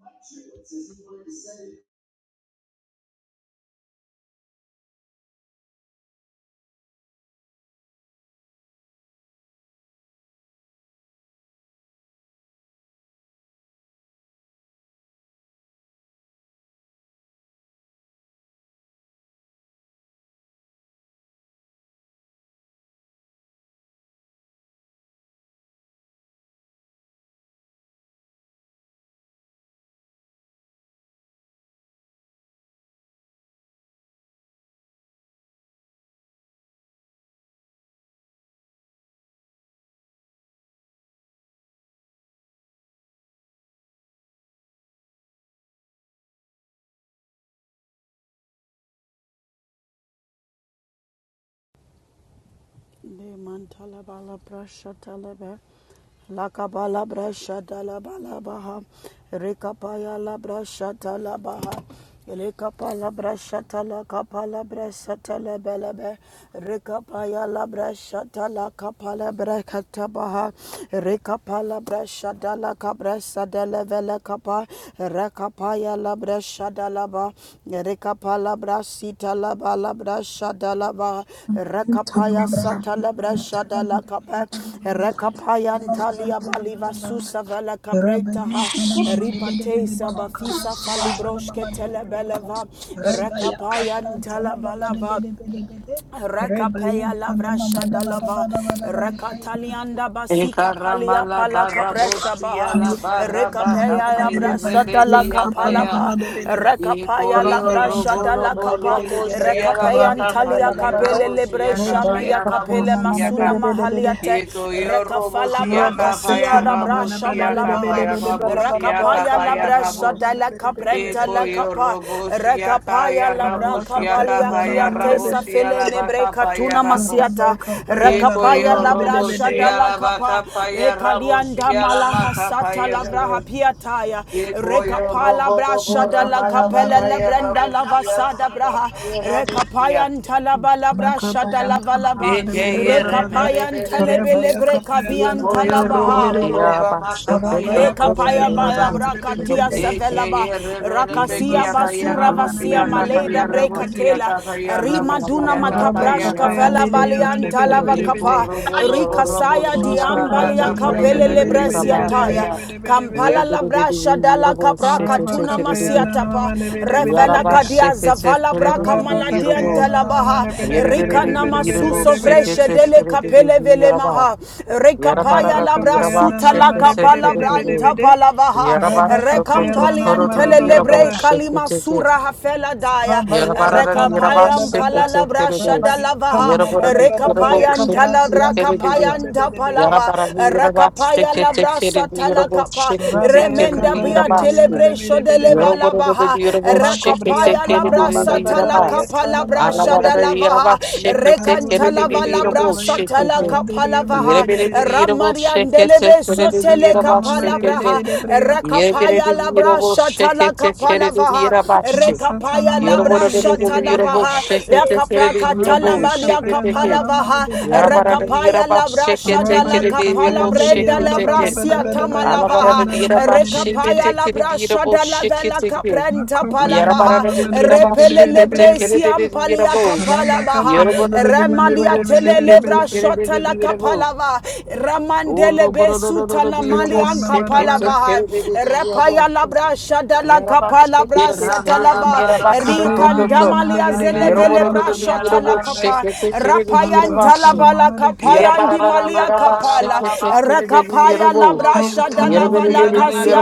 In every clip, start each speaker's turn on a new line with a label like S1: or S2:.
S1: Not triplets, as He was also a member of the Royal
S2: Le mantala bala brasha talaba. La kabala brasha talaba baha, Rekapaya la brasha talabaha. Rekapala brasha tala kapala brasha talaba laba. Rekapaya la brasha tala kapala brakata baha. Rekapala brasha tala kabrasa de la vela lekapa rekapa ya labra shadalaba rekapa labra sita laba labra shadalaba rekapa ya
S3: Rabba
S2: sata labra shadalakapa rekapa ya ntalia baliva susa vela kapreta ha ripate sabafisa falibroshke telebeleva rekapa ya ntalabalava Rekapaya lavra shadalava rekatalianda basika palia
S4: Ekaramala
S2: pala kapresha
S4: baraboshia
S2: baha
S4: la barabata
S2: rekapaya
S4: faye
S2: labra sadala
S4: rebekia faya.
S2: kapalava rekapaya
S4: Ikoyo
S2: labra
S3: Rabayan tanıma
S4: robolo
S2: shadala
S3: mana
S2: kapa
S3: bede bede baya
S4: boromoshia la
S2: rekapaya
S3: kabran
S4: baka
S3: para bara
S2: antalia
S4: faye
S3: bara bara
S2: kapele
S4: raboshia
S3: Ray
S2: lebresha
S3: baya
S2: meya
S4: kabaya
S3: kapana
S2: kapele
S4: raboshia
S3: mana
S2: masuna
S4: ka.
S3: bede bede bede ha.
S2: mahaliate
S4: Ikoyo
S2: rekafala bra
S4: roboshia ka
S3: Rabasete
S2: kasia
S4: faya
S3: mama
S2: labra
S3: na bada
S4: raboshia
S3: bede
S4: ka
S2: shamalavaha
S3: bede
S4: faya
S3: bede bada bada
S4: raboshia
S3: ba
S4: ka
S2: rekapaya
S4: faya
S3: kabram
S2: labra
S3: pana
S4: rabo.
S3: mama na
S2: sadala
S3: bede bede
S2: kaprenda
S3: bede
S4: Eko
S3: bede.
S4: yo
S2: lakapa
S4: robo ka
S2: rekapaya
S4: ya
S2: labra
S3: Rabba
S4: rabosia
S3: kapa
S4: ka
S2: kabalia
S3: yanda
S4: pa
S3: na
S4: ya
S3: mama na
S2: kiate
S4: rabosia
S3: bede.
S2: safele
S4: la ba
S2: nebre
S4: ka pa ya
S2: katuna
S4: rabos.
S2: masiata
S3: Rabba kapa yanda na
S4: Eko
S2: rekapaya
S3: mama
S4: yo
S3: na
S2: labra
S3: bede
S4: robo
S2: shada
S3: bede.
S4: la ba
S2: lakapa
S4: ka pa ya rabosia
S2: lekalianda
S4: la
S2: mala
S4: ma ka pa
S2: hasata
S4: ya
S2: labra
S4: rabos.
S2: hapiataya
S4: Eko yo
S2: rekapa
S4: robo
S2: labra shada
S3: Makapa
S4: rama la
S3: yanda
S4: ba
S3: na
S2: lakapele
S4: ka
S3: mama.
S4: ya
S2: lebrenda
S4: rabosia la
S2: lavasada
S4: ma ka
S2: braha
S4: pa ya rabosia. siya.
S2: rekapaya ntalaba labra
S3: Makapa
S2: shada
S3: yanda na
S2: lavalaba
S3: mama na
S4: Eke
S3: bede
S4: ye
S3: bada
S4: re me
S3: bada.
S4: re
S2: rekapaya
S4: be re be.
S3: Rabba
S2: ntalebele
S3: ya kapa yanda na
S2: brekabian
S4: Eko
S3: mama
S4: yo
S3: na bede
S4: robo
S2: talabaha
S3: bede bede.
S5: Yeah, Yarabara,
S4: rama ka pa
S3: Rabba
S4: ya
S2: Le
S3: ya
S4: rabosia
S3: kapa
S2: kapaya
S3: yanda
S4: la
S3: na
S2: ba
S4: ba.
S3: mama na bede
S2: brakatia
S3: bede.
S2: savela ba rakasia
S3: Masete na
S2: basura
S3: mama na
S2: vasia
S3: bede bede
S2: maleda
S3: bede bede bede.
S2: brekatela rimanduna
S3: Rabba
S2: makaprash
S3: kapa yanda
S2: vela
S3: na mama na
S2: balianta
S3: bede
S2: lava
S3: bede
S2: kapa
S3: bede.
S2: rikasaya
S3: Makapaya
S2: diambalia
S3: diliya
S2: kapele
S3: mene bede bede
S2: lebresia
S3: bede
S2: taya
S3: bede bede bede bede.
S2: kampala labrasha dala kapraka
S3: Oraba
S2: tuna
S3: kapaya nana
S2: masiatapa
S3: mene bede bede
S2: refela
S3: bede.
S2: kadia zavala braka
S3: Oraba kapaya
S2: maladianta
S3: nana
S2: labaha
S3: mene bede bede
S2: rika
S3: bede bede bede
S2: namasuso
S3: bede bede
S2: vreshe
S3: bede
S2: dele
S3: bede bede.
S2: kapele vele maha rikapaya
S3: Oraba
S2: labra
S3: kapaya nana
S2: sutala
S3: mene bede
S2: kapala
S3: bede bede
S2: branta
S3: bede.
S2: palavaha
S5: Yaraba
S3: Oraba kapaya
S5: shokoto
S2: rekampali
S3: nana
S5: kororo
S3: mene
S2: antele
S3: bada
S5: yarabo
S2: lebre
S3: bada.
S2: kalima
S5: shekete.
S2: sura hafela daya
S3: Oraba ye
S5: Yarabara
S3: kapana
S5: yaraba
S2: rekapaya
S3: mabada bada. bada.
S2: mpala
S5: shekete
S2: labra
S3: Oraba
S2: shada
S5: keredes.
S3: ye kana
S2: lavaha
S5: Yarabara
S3: mabada bada bada ba
S5: yarabo
S3: ye
S2: talabra, ntala
S3: kabranzi
S5: shekete
S3: yampana
S2: rakapaya
S3: mama
S5: keredes.
S3: de bede bede.
S2: ntapalava
S5: Yarabara yaraba
S2: rekapaya
S5: shekete
S2: labra
S5: keredes.
S2: satala
S5: Yarabo
S2: kapa
S3: Oraba
S5: shekete
S3: ye
S2: remenda
S5: keredes
S3: kapaya
S2: bia
S5: yarabas.
S3: diliya
S2: telebre
S3: mene bede
S2: shode
S3: bede
S2: leva
S3: bede.
S5: Yarabara
S2: labaha
S5: yarabo shekete
S2: rakapaya
S3: Magobriantana
S2: labra
S3: Mamada
S5: keredes
S2: satala
S3: Badaba
S5: yarabas.
S2: kapa
S3: Yatana
S2: labra
S3: Mamada
S2: shada
S5: Alabara
S3: Bede,
S5: yaraba
S2: lavaha
S3: Yam
S5: shekete
S3: Panama
S2: brasa,
S5: keredes
S3: Madabede
S2: valabra
S5: yarabo
S3: baya
S2: satala
S5: shekete.
S3: Yakapaya Diri Madabede Bede,
S5: Yarabara
S2: kapalavaha
S3: bede.
S5: yarabo shekete
S2: Ramariandelebe
S5: keredes
S2: sotele
S3: Masatana
S5: yarabas
S3: Mamada Bede
S5: Shake
S2: kapalabraha.
S3: Bede Bria
S5: Yerabara,
S3: Kapaya
S2: Rakapaya
S3: Nana Mamada
S2: labra
S3: Bede Bede,
S2: shatala kapalavaha.
S3: Masatana
S2: Rekapaya
S3: Mamada
S2: labra
S3: Bede Bede
S2: Shatala
S3: Bede
S2: shatalabaha.
S3: Baha,
S2: Lakapra
S3: Rabaya
S2: talambalia
S3: Kapaya Nana Mamada
S2: kapalavaha.
S3: Bede Bede Bede,
S2: Rekapaya labra shadala
S3: Rabaya Kapaya Diri
S2: kapalabrenda
S3: Yamada
S2: labra
S3: Bada Bada Bada Baya Paya
S2: siatamalavaha.
S3: Nana Mamada Bede
S2: Rekapaya
S3: Bede,
S2: labra shadala vela kaprenta
S3: Makopaya Nana
S2: palavaha.
S3: Mamada Bede Bede
S2: Repele
S3: Bede Bede
S2: lebre
S3: Bede,
S2: siampalia
S3: Panama,
S2: kapalabaha. Remalia telelebra shotala la
S3: Panama
S2: kapalava ramandele besuta la malian
S3: Bada
S2: kapalava rapaya la brasha da
S5: Yarabash
S2: la kapalabra satalaba rikandamalia zelevele brashota la
S3: Bada
S2: kapa rapayan
S3: Mazon Tono
S2: talaba la
S3: Mama de Bede Bede
S2: kapayan dimalia
S3: Panama
S2: kapala
S3: Mada
S2: rakapaya la
S3: Bayan
S2: brasha da
S3: Tono
S2: la
S3: Mama de
S2: vala
S3: Bede Bede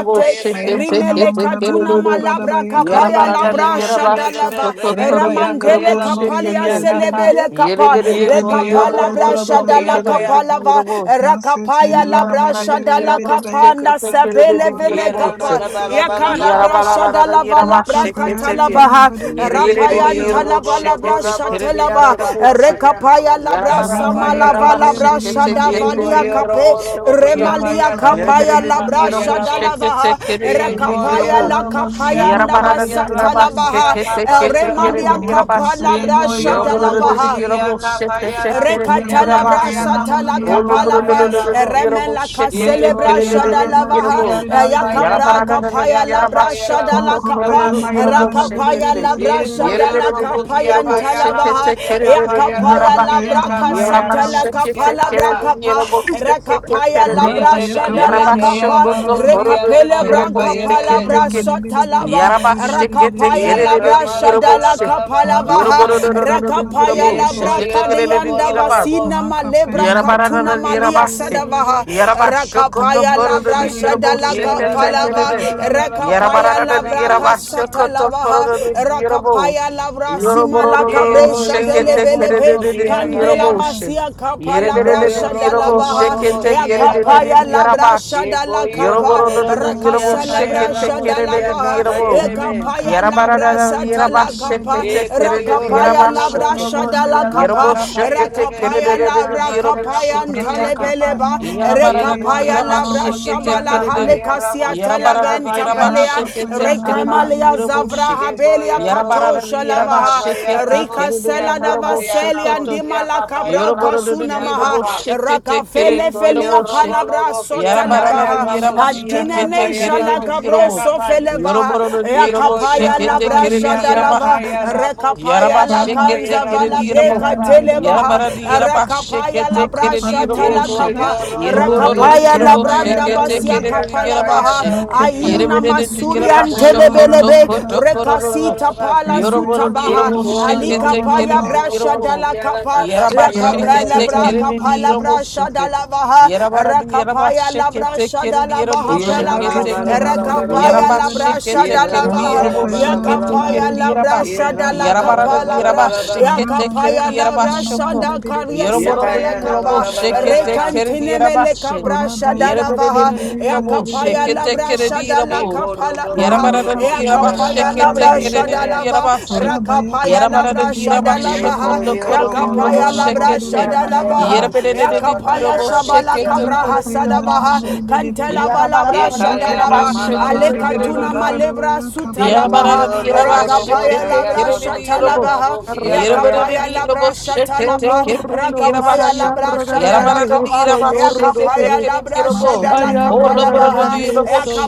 S3: Bayan Panama
S2: rimele
S3: Mada Bada
S2: katuna
S3: Bada Bada
S2: malabra
S3: Bayan
S2: kapaya
S3: Cabran
S2: la
S3: Tono
S4: Rebele, bele,
S3: Mama de
S4: bele,
S2: brasha da
S3: Bede
S4: bele,
S2: lava
S3: Ray Baya
S4: rebekia, faya,
S2: ramandele
S3: Kapayan Dina
S2: kapalia
S4: rabosia,
S3: Yamada Bede
S4: capa.
S3: Bede
S2: selebele kapa
S4: Ye
S3: Bayan
S2: Le
S3: Panama
S4: koyo
S2: Kapa
S3: Bada Bada
S2: palabra
S4: robolo
S3: Bada
S4: boki
S3: Bada
S2: shadala
S3: Bada
S4: apaya.
S2: kapalava rakapaya
S3: Masetene mama
S2: labra
S3: de bede bede
S2: shadala
S3: bede baya
S2: kapana
S3: kaparantana
S2: sabele
S3: mama da
S4: Ye
S2: vele
S3: bada bada
S2: kapa
S4: ramala
S3: bada bada
S4: bala bala
S3: bada.
S2: yakala
S4: bala
S2: bra
S4: bala ba.
S5: Yarabalara
S2: shadala vala
S5: yaraba
S2: branka
S3: Makapaya
S5: şeketeki.
S2: talabaha
S3: mama de bede bede
S5: Yerebereri
S3: bede
S2: rapayan
S4: Ikoyo
S3: bada.
S5: yarabu
S2: talaba
S4: robo
S2: labra
S4: robo
S5: şekete
S4: rabo shia
S5: kerede
S2: shatelaba
S4: la
S5: yarabu
S4: baka
S5: şek.
S4: faya
S2: rekapaya
S4: rabo
S2: labra
S4: shia
S3: Ora
S4: ka
S5: Yarabalara
S3: maya
S2: samala
S4: faya
S5: yaraba
S2: vala
S3: kapaya
S4: rabo.
S2: bra
S3: diri
S5: şekete
S3: yama de bede
S5: kerede
S2: shadavalia
S3: bede.
S4: Ikoyo
S2: kape
S5: yarabu
S4: robo robo
S5: şekotu.
S4: kia
S3: Ora
S2: remalia
S4: faya
S3: baka paya
S4: rabo
S2: kapaya
S3: dana
S4: shia
S5: Yerebereri
S4: ka
S3: mama
S2: labra
S3: de
S4: faya
S5: yarabu
S3: beda.
S4: rabo.
S5: şekete
S2: shadalavaha
S5: kerede
S3: Ora baka
S2: rakapaya
S4: Ikoyo
S5: yarabu.
S3: paya
S2: la
S3: dana
S4: robo shia
S3: mama
S2: kapaya
S3: de
S4: ka
S3: bede
S5: Yarabarada
S3: bede
S4: faya
S2: ndabasa
S5: di
S3: bede
S4: rabo
S5: Rabas,
S3: bede.
S2: talabaha
S4: shia ka faya
S5: Tekere
S3: Ew
S2: remalia
S5: di
S4: rabo.
S5: Rabas,
S2: kapala
S3: makapaya
S2: bra
S3: dana mama
S4: Ikoyo
S3: de
S5: Yoroboro
S3: bede
S4: robo
S5: di
S3: bede
S2: shadalavaha
S3: bede
S4: shia
S3: bede.
S5: Yorobos,
S4: ka faya rabo
S5: Tekere
S3: Ora
S5: di
S2: Rekata
S4: shia ka
S2: Rekatalabra
S5: Rabas,
S4: faya
S3: makapaya dana
S4: rabo
S2: satala
S3: mama de
S4: shia ka
S3: bede
S5: Oloboro
S3: bede.
S2: kapalava
S4: faya
S5: di
S4: rabo.
S2: remela
S5: Yorobos,
S2: kaselebra
S5: Tekere
S3: Makapaya
S4: Ikoyo
S3: dana
S5: di
S3: yama
S4: robo
S3: de
S2: shadalavaha
S3: bede
S5: Yorobos,
S4: shia
S3: bede
S4: ka
S3: bede
S4: faya
S3: bede
S2: yakapra
S3: bede
S4: rabo
S5: Yarabarada
S3: bede.
S2: kapaya
S4: shia
S5: di
S4: ka
S2: labra
S5: Rabas,
S4: faya rabo
S2: shadala
S5: Kotoro
S4: shia
S2: kapa
S4: ka
S5: di
S3: Makopayandana
S4: faya
S5: Yorobos,
S4: rabo.
S2: rakapaya
S5: Tekere,
S2: labra
S4: Ekoyo
S2: shadala
S5: Yerbere di
S2: kapaya
S4: robokia
S5: Yorobos,
S4: paya
S2: ntalabaha
S4: rabosia
S5: Tekere
S4: kapaya
S2: yakapaya
S4: rabosia
S2: labra
S4: kapaya
S2: kasatala
S4: rabosia
S2: kapala brakapa
S4: kapa.
S5: di
S2: kapa rakapaya
S5: Yarabara
S2: labra
S3: Rabaya
S4: Irebele
S2: shadala
S3: kapayanda rama
S4: beteya
S2: kapa
S5: Yarabashoko
S3: bada
S5: to
S3: bada.
S5: Koro
S4: rabosia
S5: di the
S4: lama
S2: rekapele
S5: Eurobox,
S2: branka
S4: kapaya
S3: Rebaya
S2: pala
S4: rebe.
S3: tanama
S2: bra
S5: take it,
S3: bada bide bide
S2: sotalaba
S3: bide
S5: Yaraba
S3: bide
S5: shake
S3: bide
S5: te
S3: bide
S5: te
S3: bide.
S2: rakapaya
S5: kere
S4: E
S5: de de
S2: labra
S5: de
S4: ramala
S5: dirobo
S4: bala
S2: shadala
S5: shake
S4: bala
S2: kapala
S4: bala bala
S2: vaha
S5: yeroboro
S4: ba.
S5: no no
S3: Makopayanda
S5: no no
S3: rama
S2: rakapaya
S3: bada
S2: Paya
S3: bide
S5: dirobo
S3: bide ha.
S2: labra
S5: shake te te
S4: Ekoyo
S5: kere de de
S2: kadeyanda
S4: robolo bolo
S5: dirobo
S4: bo.
S2: basina malebra
S3: Makapayanda
S5: yaraba ra
S3: rama
S5: ra
S2: katuna
S3: bada
S5: ra
S3: bide
S2: malia
S5: yaraba
S3: bide bide
S5: shake
S2: sadavaha.
S3: bide.
S5: yaraba shoko to
S2: Rakapaya
S5: koru no
S2: labra
S5: di
S3: Ramakapada de de
S5: dirobo
S3: de de
S5: shake
S3: de
S2: shadalaka
S5: te
S3: de
S5: te
S3: de de
S4: Irabala
S5: kere
S3: de
S2: palava.
S4: bala
S3: de
S5: de de
S4: bala
S3: de de de de de
S4: bala
S3: de
S4: bala
S5: yaraba ra
S2: Rakapaya
S4: bala
S5: ra
S3: de de
S5: ra
S4: bala
S2: labra
S4: ba.
S5: yaraba
S3: de de
S2: kasata
S5: shoko
S3: de.
S5: to koru
S2: lavaha.
S5: no di dirobo
S2: Rakapaya labra
S5: yeroboro no
S2: simalaka
S5: no
S3: Ramakapayanda
S2: bresha
S5: shake
S3: rama
S5: te
S4: Ekoyo
S3: bada
S5: te
S3: bide
S5: kere
S3: bide
S4: robolo
S5: de
S2: delebelebe.
S3: bide
S5: de
S3: bide
S4: bokia
S3: bide
S5: dirobo
S3: bada
S2: Kandela
S4: paya.
S3: bada.
S5: shake
S2: basia
S5: te te kere de
S2: kapalabra
S5: de
S4: Ekoyo
S3: Ramakapa
S5: dirobo
S4: robolo bo
S2: shadalabaha.
S5: shake
S3: yanariyamana
S5: te te
S3: bire
S4: robosia
S5: kere
S3: bire bire
S4: laba.
S2: Yakapaya
S3: bire bire.
S2: labra
S4: Ekoyo
S2: shadalakapa.
S3: Makapa
S4: robolobo kia
S3: yanariyamana bara
S4: faya
S2: Rakasalabra
S3: bara
S4: rabo
S3: bara.
S5: de de
S4: siya ka
S2: shadalavaha.
S4: faya
S5: dirobo
S4: rebe.
S2: Ekapaya
S3: Ramakapa yandana
S2: labra
S5: Yarabarara
S3: mamari
S2: satala
S3: bire bire bire.
S5: yarabashekete
S2: kapa
S5: kererere
S4: Ekoyo
S2: rakapaya
S3: Reba
S4: robolobo
S2: labra
S5: yarabashokoto.
S3: kapayanda
S4: robo
S3: nama
S2: shadala
S4: siya
S3: mane
S4: raba
S2: kapa
S3: bire
S4: ka
S3: bire
S4: faya
S3: bire
S5: Yaraboshekete
S4: rebe
S3: pana
S2: rakapaya
S3: mane
S5: kererere
S4: siya ka
S2: labra
S3: bire.
S4: faya
S2: kapaya
S4: rabo
S5: yaraboshekete
S3: Reba
S4: siya
S5: ke.
S4: ka
S2: ntalebeleba
S4: pas.
S3: kapayanda nama mane
S5: Yarabarara
S3: bire ya
S2: rekapaya
S4: Ekoyo
S3: kapayanda
S2: labra
S4: robo
S3: nama
S5: yarabashekete
S3: mane
S4: siya
S2: shabala
S3: bire
S4: ka
S5: kererere.
S3: bire.
S4: faya rabo
S2: halekasia
S4: siya
S5: Yarabarara
S4: ka
S2: teleben
S4: faya
S2: tampelea
S4: rabo
S5: yarabashekete
S4: siya
S3: Makapayanda
S4: ka
S3: nama
S4: pa.
S5: kererere
S3: mane
S2: rekamalia
S3: bire bire
S2: zavra
S5: yaraboshe.
S3: bire bire.
S2: habelia
S4: Ekoye
S5: Yarabarara
S2: katosha
S4: robosia
S2: lavaha
S4: kapaya
S5: yarabashekete
S2: rika
S4: rabosia
S5: kererere
S2: selada
S4: kapaya
S2: vaselia
S5: yaraboshokoto.
S4: rabosia
S2: ndimala
S4: kapaya
S2: kabroka
S5: Yarabarara
S4: rabosia
S2: sunamaha
S4: kapa.
S5: yaraboshekete
S2: rakafele
S5: kererere
S4: Ekoye
S2: felia
S5: yaraboshe.
S4: robo
S2: kalabra
S4: robo
S2: sota
S4: kia
S5: Yarabarara
S4: paya
S2: labaha
S3: Makapayanda nama
S4: rabosia
S3: mane bire
S5: yarabashekete
S3: bire
S4: kapaya
S2: antinenesha
S5: kererere
S3: bire bire
S2: la
S3: bire bire
S2: kabro
S4: rabosia
S5: yaraboshe.
S3: bire bire
S4: kapaya.
S3: bire bire.
S2: sofelevaha
S5: Yoroboro, Yorobo,
S4: Ekoye
S5: Shake
S2: yakapaya labra
S3: Makapayanda
S4: robosia
S3: nama
S5: it,
S3: mane
S2: shadalava
S3: bire
S4: kapaya
S3: bire.
S2: rekapaya
S4: rabosia
S5: Yaraba
S2: la
S3: Ora
S5: shake it,
S4: kapaya
S2: kanza
S5: take it
S3: makapai
S5: in
S2: vala
S5: the
S3: andere
S4: rabosia
S5: edible.
S2: breka
S3: mene
S4: laba.
S3: bede bede
S2: telebaha
S5: Yarabara
S3: bede be.
S5: the Yaraba shake
S2: rekapaya
S5: it
S2: la
S5: take it in the
S2: brasha
S3: Makapada baba
S5: edible
S2: tala
S3: da
S5: shake.
S3: bada.
S2: kapa
S4: Ekoye robo
S3: Reba
S5: Yerboro the
S4: robo
S2: rekapaya
S3: yenta na
S2: la
S4: kia
S5: Yerbo
S3: mama de
S5: shake
S4: paya
S2: branda
S5: it
S3: bede
S5: take
S2: basia
S5: it
S3: bede.
S5: in
S4: rabosia
S5: the Yaraba
S2: kapalavaha
S4: kapaya
S5: shake.
S3: Makapana
S4: rabosia.
S2: aina
S3: mama
S5: Yerbere
S3: de
S5: the
S3: bede
S2: masuri
S5: Yaraba
S3: kapaya
S4: Ekoye
S3: da na
S5: shoko
S3: mama
S4: robo
S2: antelebelebe
S3: da
S5: toko
S4: robo
S3: bada.
S5: toko.
S4: raba
S2: rekasita
S4: raba raba.
S2: pala
S3: Reba
S5: Yoroboro the
S3: yanka
S2: sutabaha
S3: pana
S5: Yerbo
S3: mama de
S4: Eko
S5: shake it
S3: bede
S2: alika
S4: lobo
S5: take
S3: bede
S5: it
S2: paya
S5: in
S4: lobo
S3: bede.
S5: the
S2: brasha
S4: lobo
S5: Yerbo.
S2: dala
S4: sigiala
S2: kapa
S4: masapa
S5: Yaraba
S2: la
S4: yerre
S5: shake
S2: kapra
S3: Raba
S5: it
S2: la
S5: take
S3: sete
S2: bra
S4: belebe.
S3: de
S5: it
S3: mama
S5: in
S2: kapa
S3: de
S5: the
S3: bede.
S5: Yerbo
S2: brasha
S5: shake it.
S2: dala vaha
S5: Yarabara the Yaraba
S2: rekapaya la
S5: shake it take
S2: brasha
S5: it in the
S2: dala vaha
S5: Yerbo shake
S4: Yerra
S3: Raba
S2: pelava
S5: it
S4: mala
S5: take
S4: bala
S3: kepana
S5: it.
S4: bala
S3: mama de
S4: bala
S3: bede
S4: bala.
S2: rekapaya
S3: bede
S5: Yaraba
S2: la
S3: bede.
S5: shake
S2: brasha
S5: it take
S2: dala
S4: Yerra
S5: it in the
S4: bala
S2: lava
S4: bala
S5: Yerbo
S3: Makapaya
S2: ya
S4: bala
S5: shake
S3: da na
S5: it
S4: bala
S3: mama
S5: take
S3: de
S4: bala.
S5: it
S2: kapaya
S5: in
S3: bede
S5: the
S2: labra
S5: Yeraba.
S3: yakapaya
S2: shada
S4: Yerra
S3: da na
S2: la
S4: mala
S3: mama
S5: Yarabara
S3: de
S2: kapa
S4: bala
S5: de
S3: bede.
S4: bala
S2: labra
S5: Yaraba,
S4: bala bala.
S5: shake it,
S3: Raba
S5: take care of
S2: yakapaya
S3: yakapaya
S5: Yaraba
S2: labra
S3: da na
S5: Shoko.
S3: mama
S2: shanda
S3: de bede
S2: karya
S3: bede bede
S5: Yoroboro
S4: Yeta
S5: de
S3: bede
S2: sabela
S4: yerra
S2: kapa
S5: Yorobo,
S4: bala
S3: bede bede.
S4: bala
S5: shake it,
S4: bala
S5: take
S4: bala.
S5: care of
S2: rekantine
S5: Yaraba
S2: mele
S5: Shake.
S2: kabra shada
S3: Orabaya
S2: lava
S5: Yerabere de
S3: kapayandiri
S2: ya
S5: Yarabo,
S2: kapaya
S5: shake it, take
S2: labra
S5: care of
S3: amanebedebedebedeba.
S2: shada la
S5: Yarabo.
S4: Eko
S2: kapa
S4: robo lobo
S5: Yarabara
S3: Orama
S5: de
S4: robo
S2: ya
S5: Yaraba,
S3: kapayandara
S4: sigiala
S2: kapaya
S5: shake it,
S2: labra
S4: masapa
S5: take care of
S3: amanebedebede.
S2: shada
S4: yerre.
S2: lava
S5: Yaraba Shake.
S3: Orabaya
S2: rakapaya
S5: Yarabara de
S2: labra
S3: kapayandiri
S5: Yaraba
S2: shada lava
S3: amanebedebede
S5: Shoko,
S4: Eko ye
S2: ya
S5: Doctor de
S4: robo
S3: kapayandara
S5: Yorobo,
S2: kapaya
S4: lobo
S5: shake
S2: labra
S4: lobo
S5: it, take.
S2: shada
S4: sigiala
S2: lava
S4: yerra bo
S3: amanebedebedebedebada.
S5: Yerabere
S2: ya
S4: sigiala
S5: de
S4: bala
S2: kapaya
S5: Yorobo,
S4: yerra bo
S5: shake
S2: sabala
S5: it,
S4: sigiala
S3: Ama
S5: take
S2: kabra
S4: bala.
S5: care of
S2: hasada
S3: kapayandara
S5: Yaraba
S2: baha
S5: Shake.
S3: amanebedebede.
S2: kantela
S5: Yarabara
S2: balabra
S4: Yeta
S3: Iba
S5: de
S2: shada
S5: Yaraba,
S2: lava
S4: yerra
S3: kapayandara
S5: shake
S4: mala
S5: it, take
S4: bala
S5: care
S4: bala
S2: Alekatuna
S5: of
S4: bala.
S2: malebra
S3: amanebedebedebedebadabaya.
S5: Yarabara Yarabasho,
S3: Kapayandara
S2: sutalabaha.
S4: Ikoyo robo robo
S2: Rakapaya
S3: amanebedebedebede.
S4: kaya
S2: labra
S4: rabo siya
S2: shatalabaha.
S4: rabo
S6: Oh,
S4: kia paya.
S2: Yakapaya labra shatalapa.
S6: your no
S2: Rakapaya
S6: sayar,
S2: labra
S3: Kapayandara
S2: shadalakapa.
S3: amanebedebedebede.
S2: Yakapaya labra
S3: Masetene
S2: shadalakapalabaha.
S3: amanebedebede.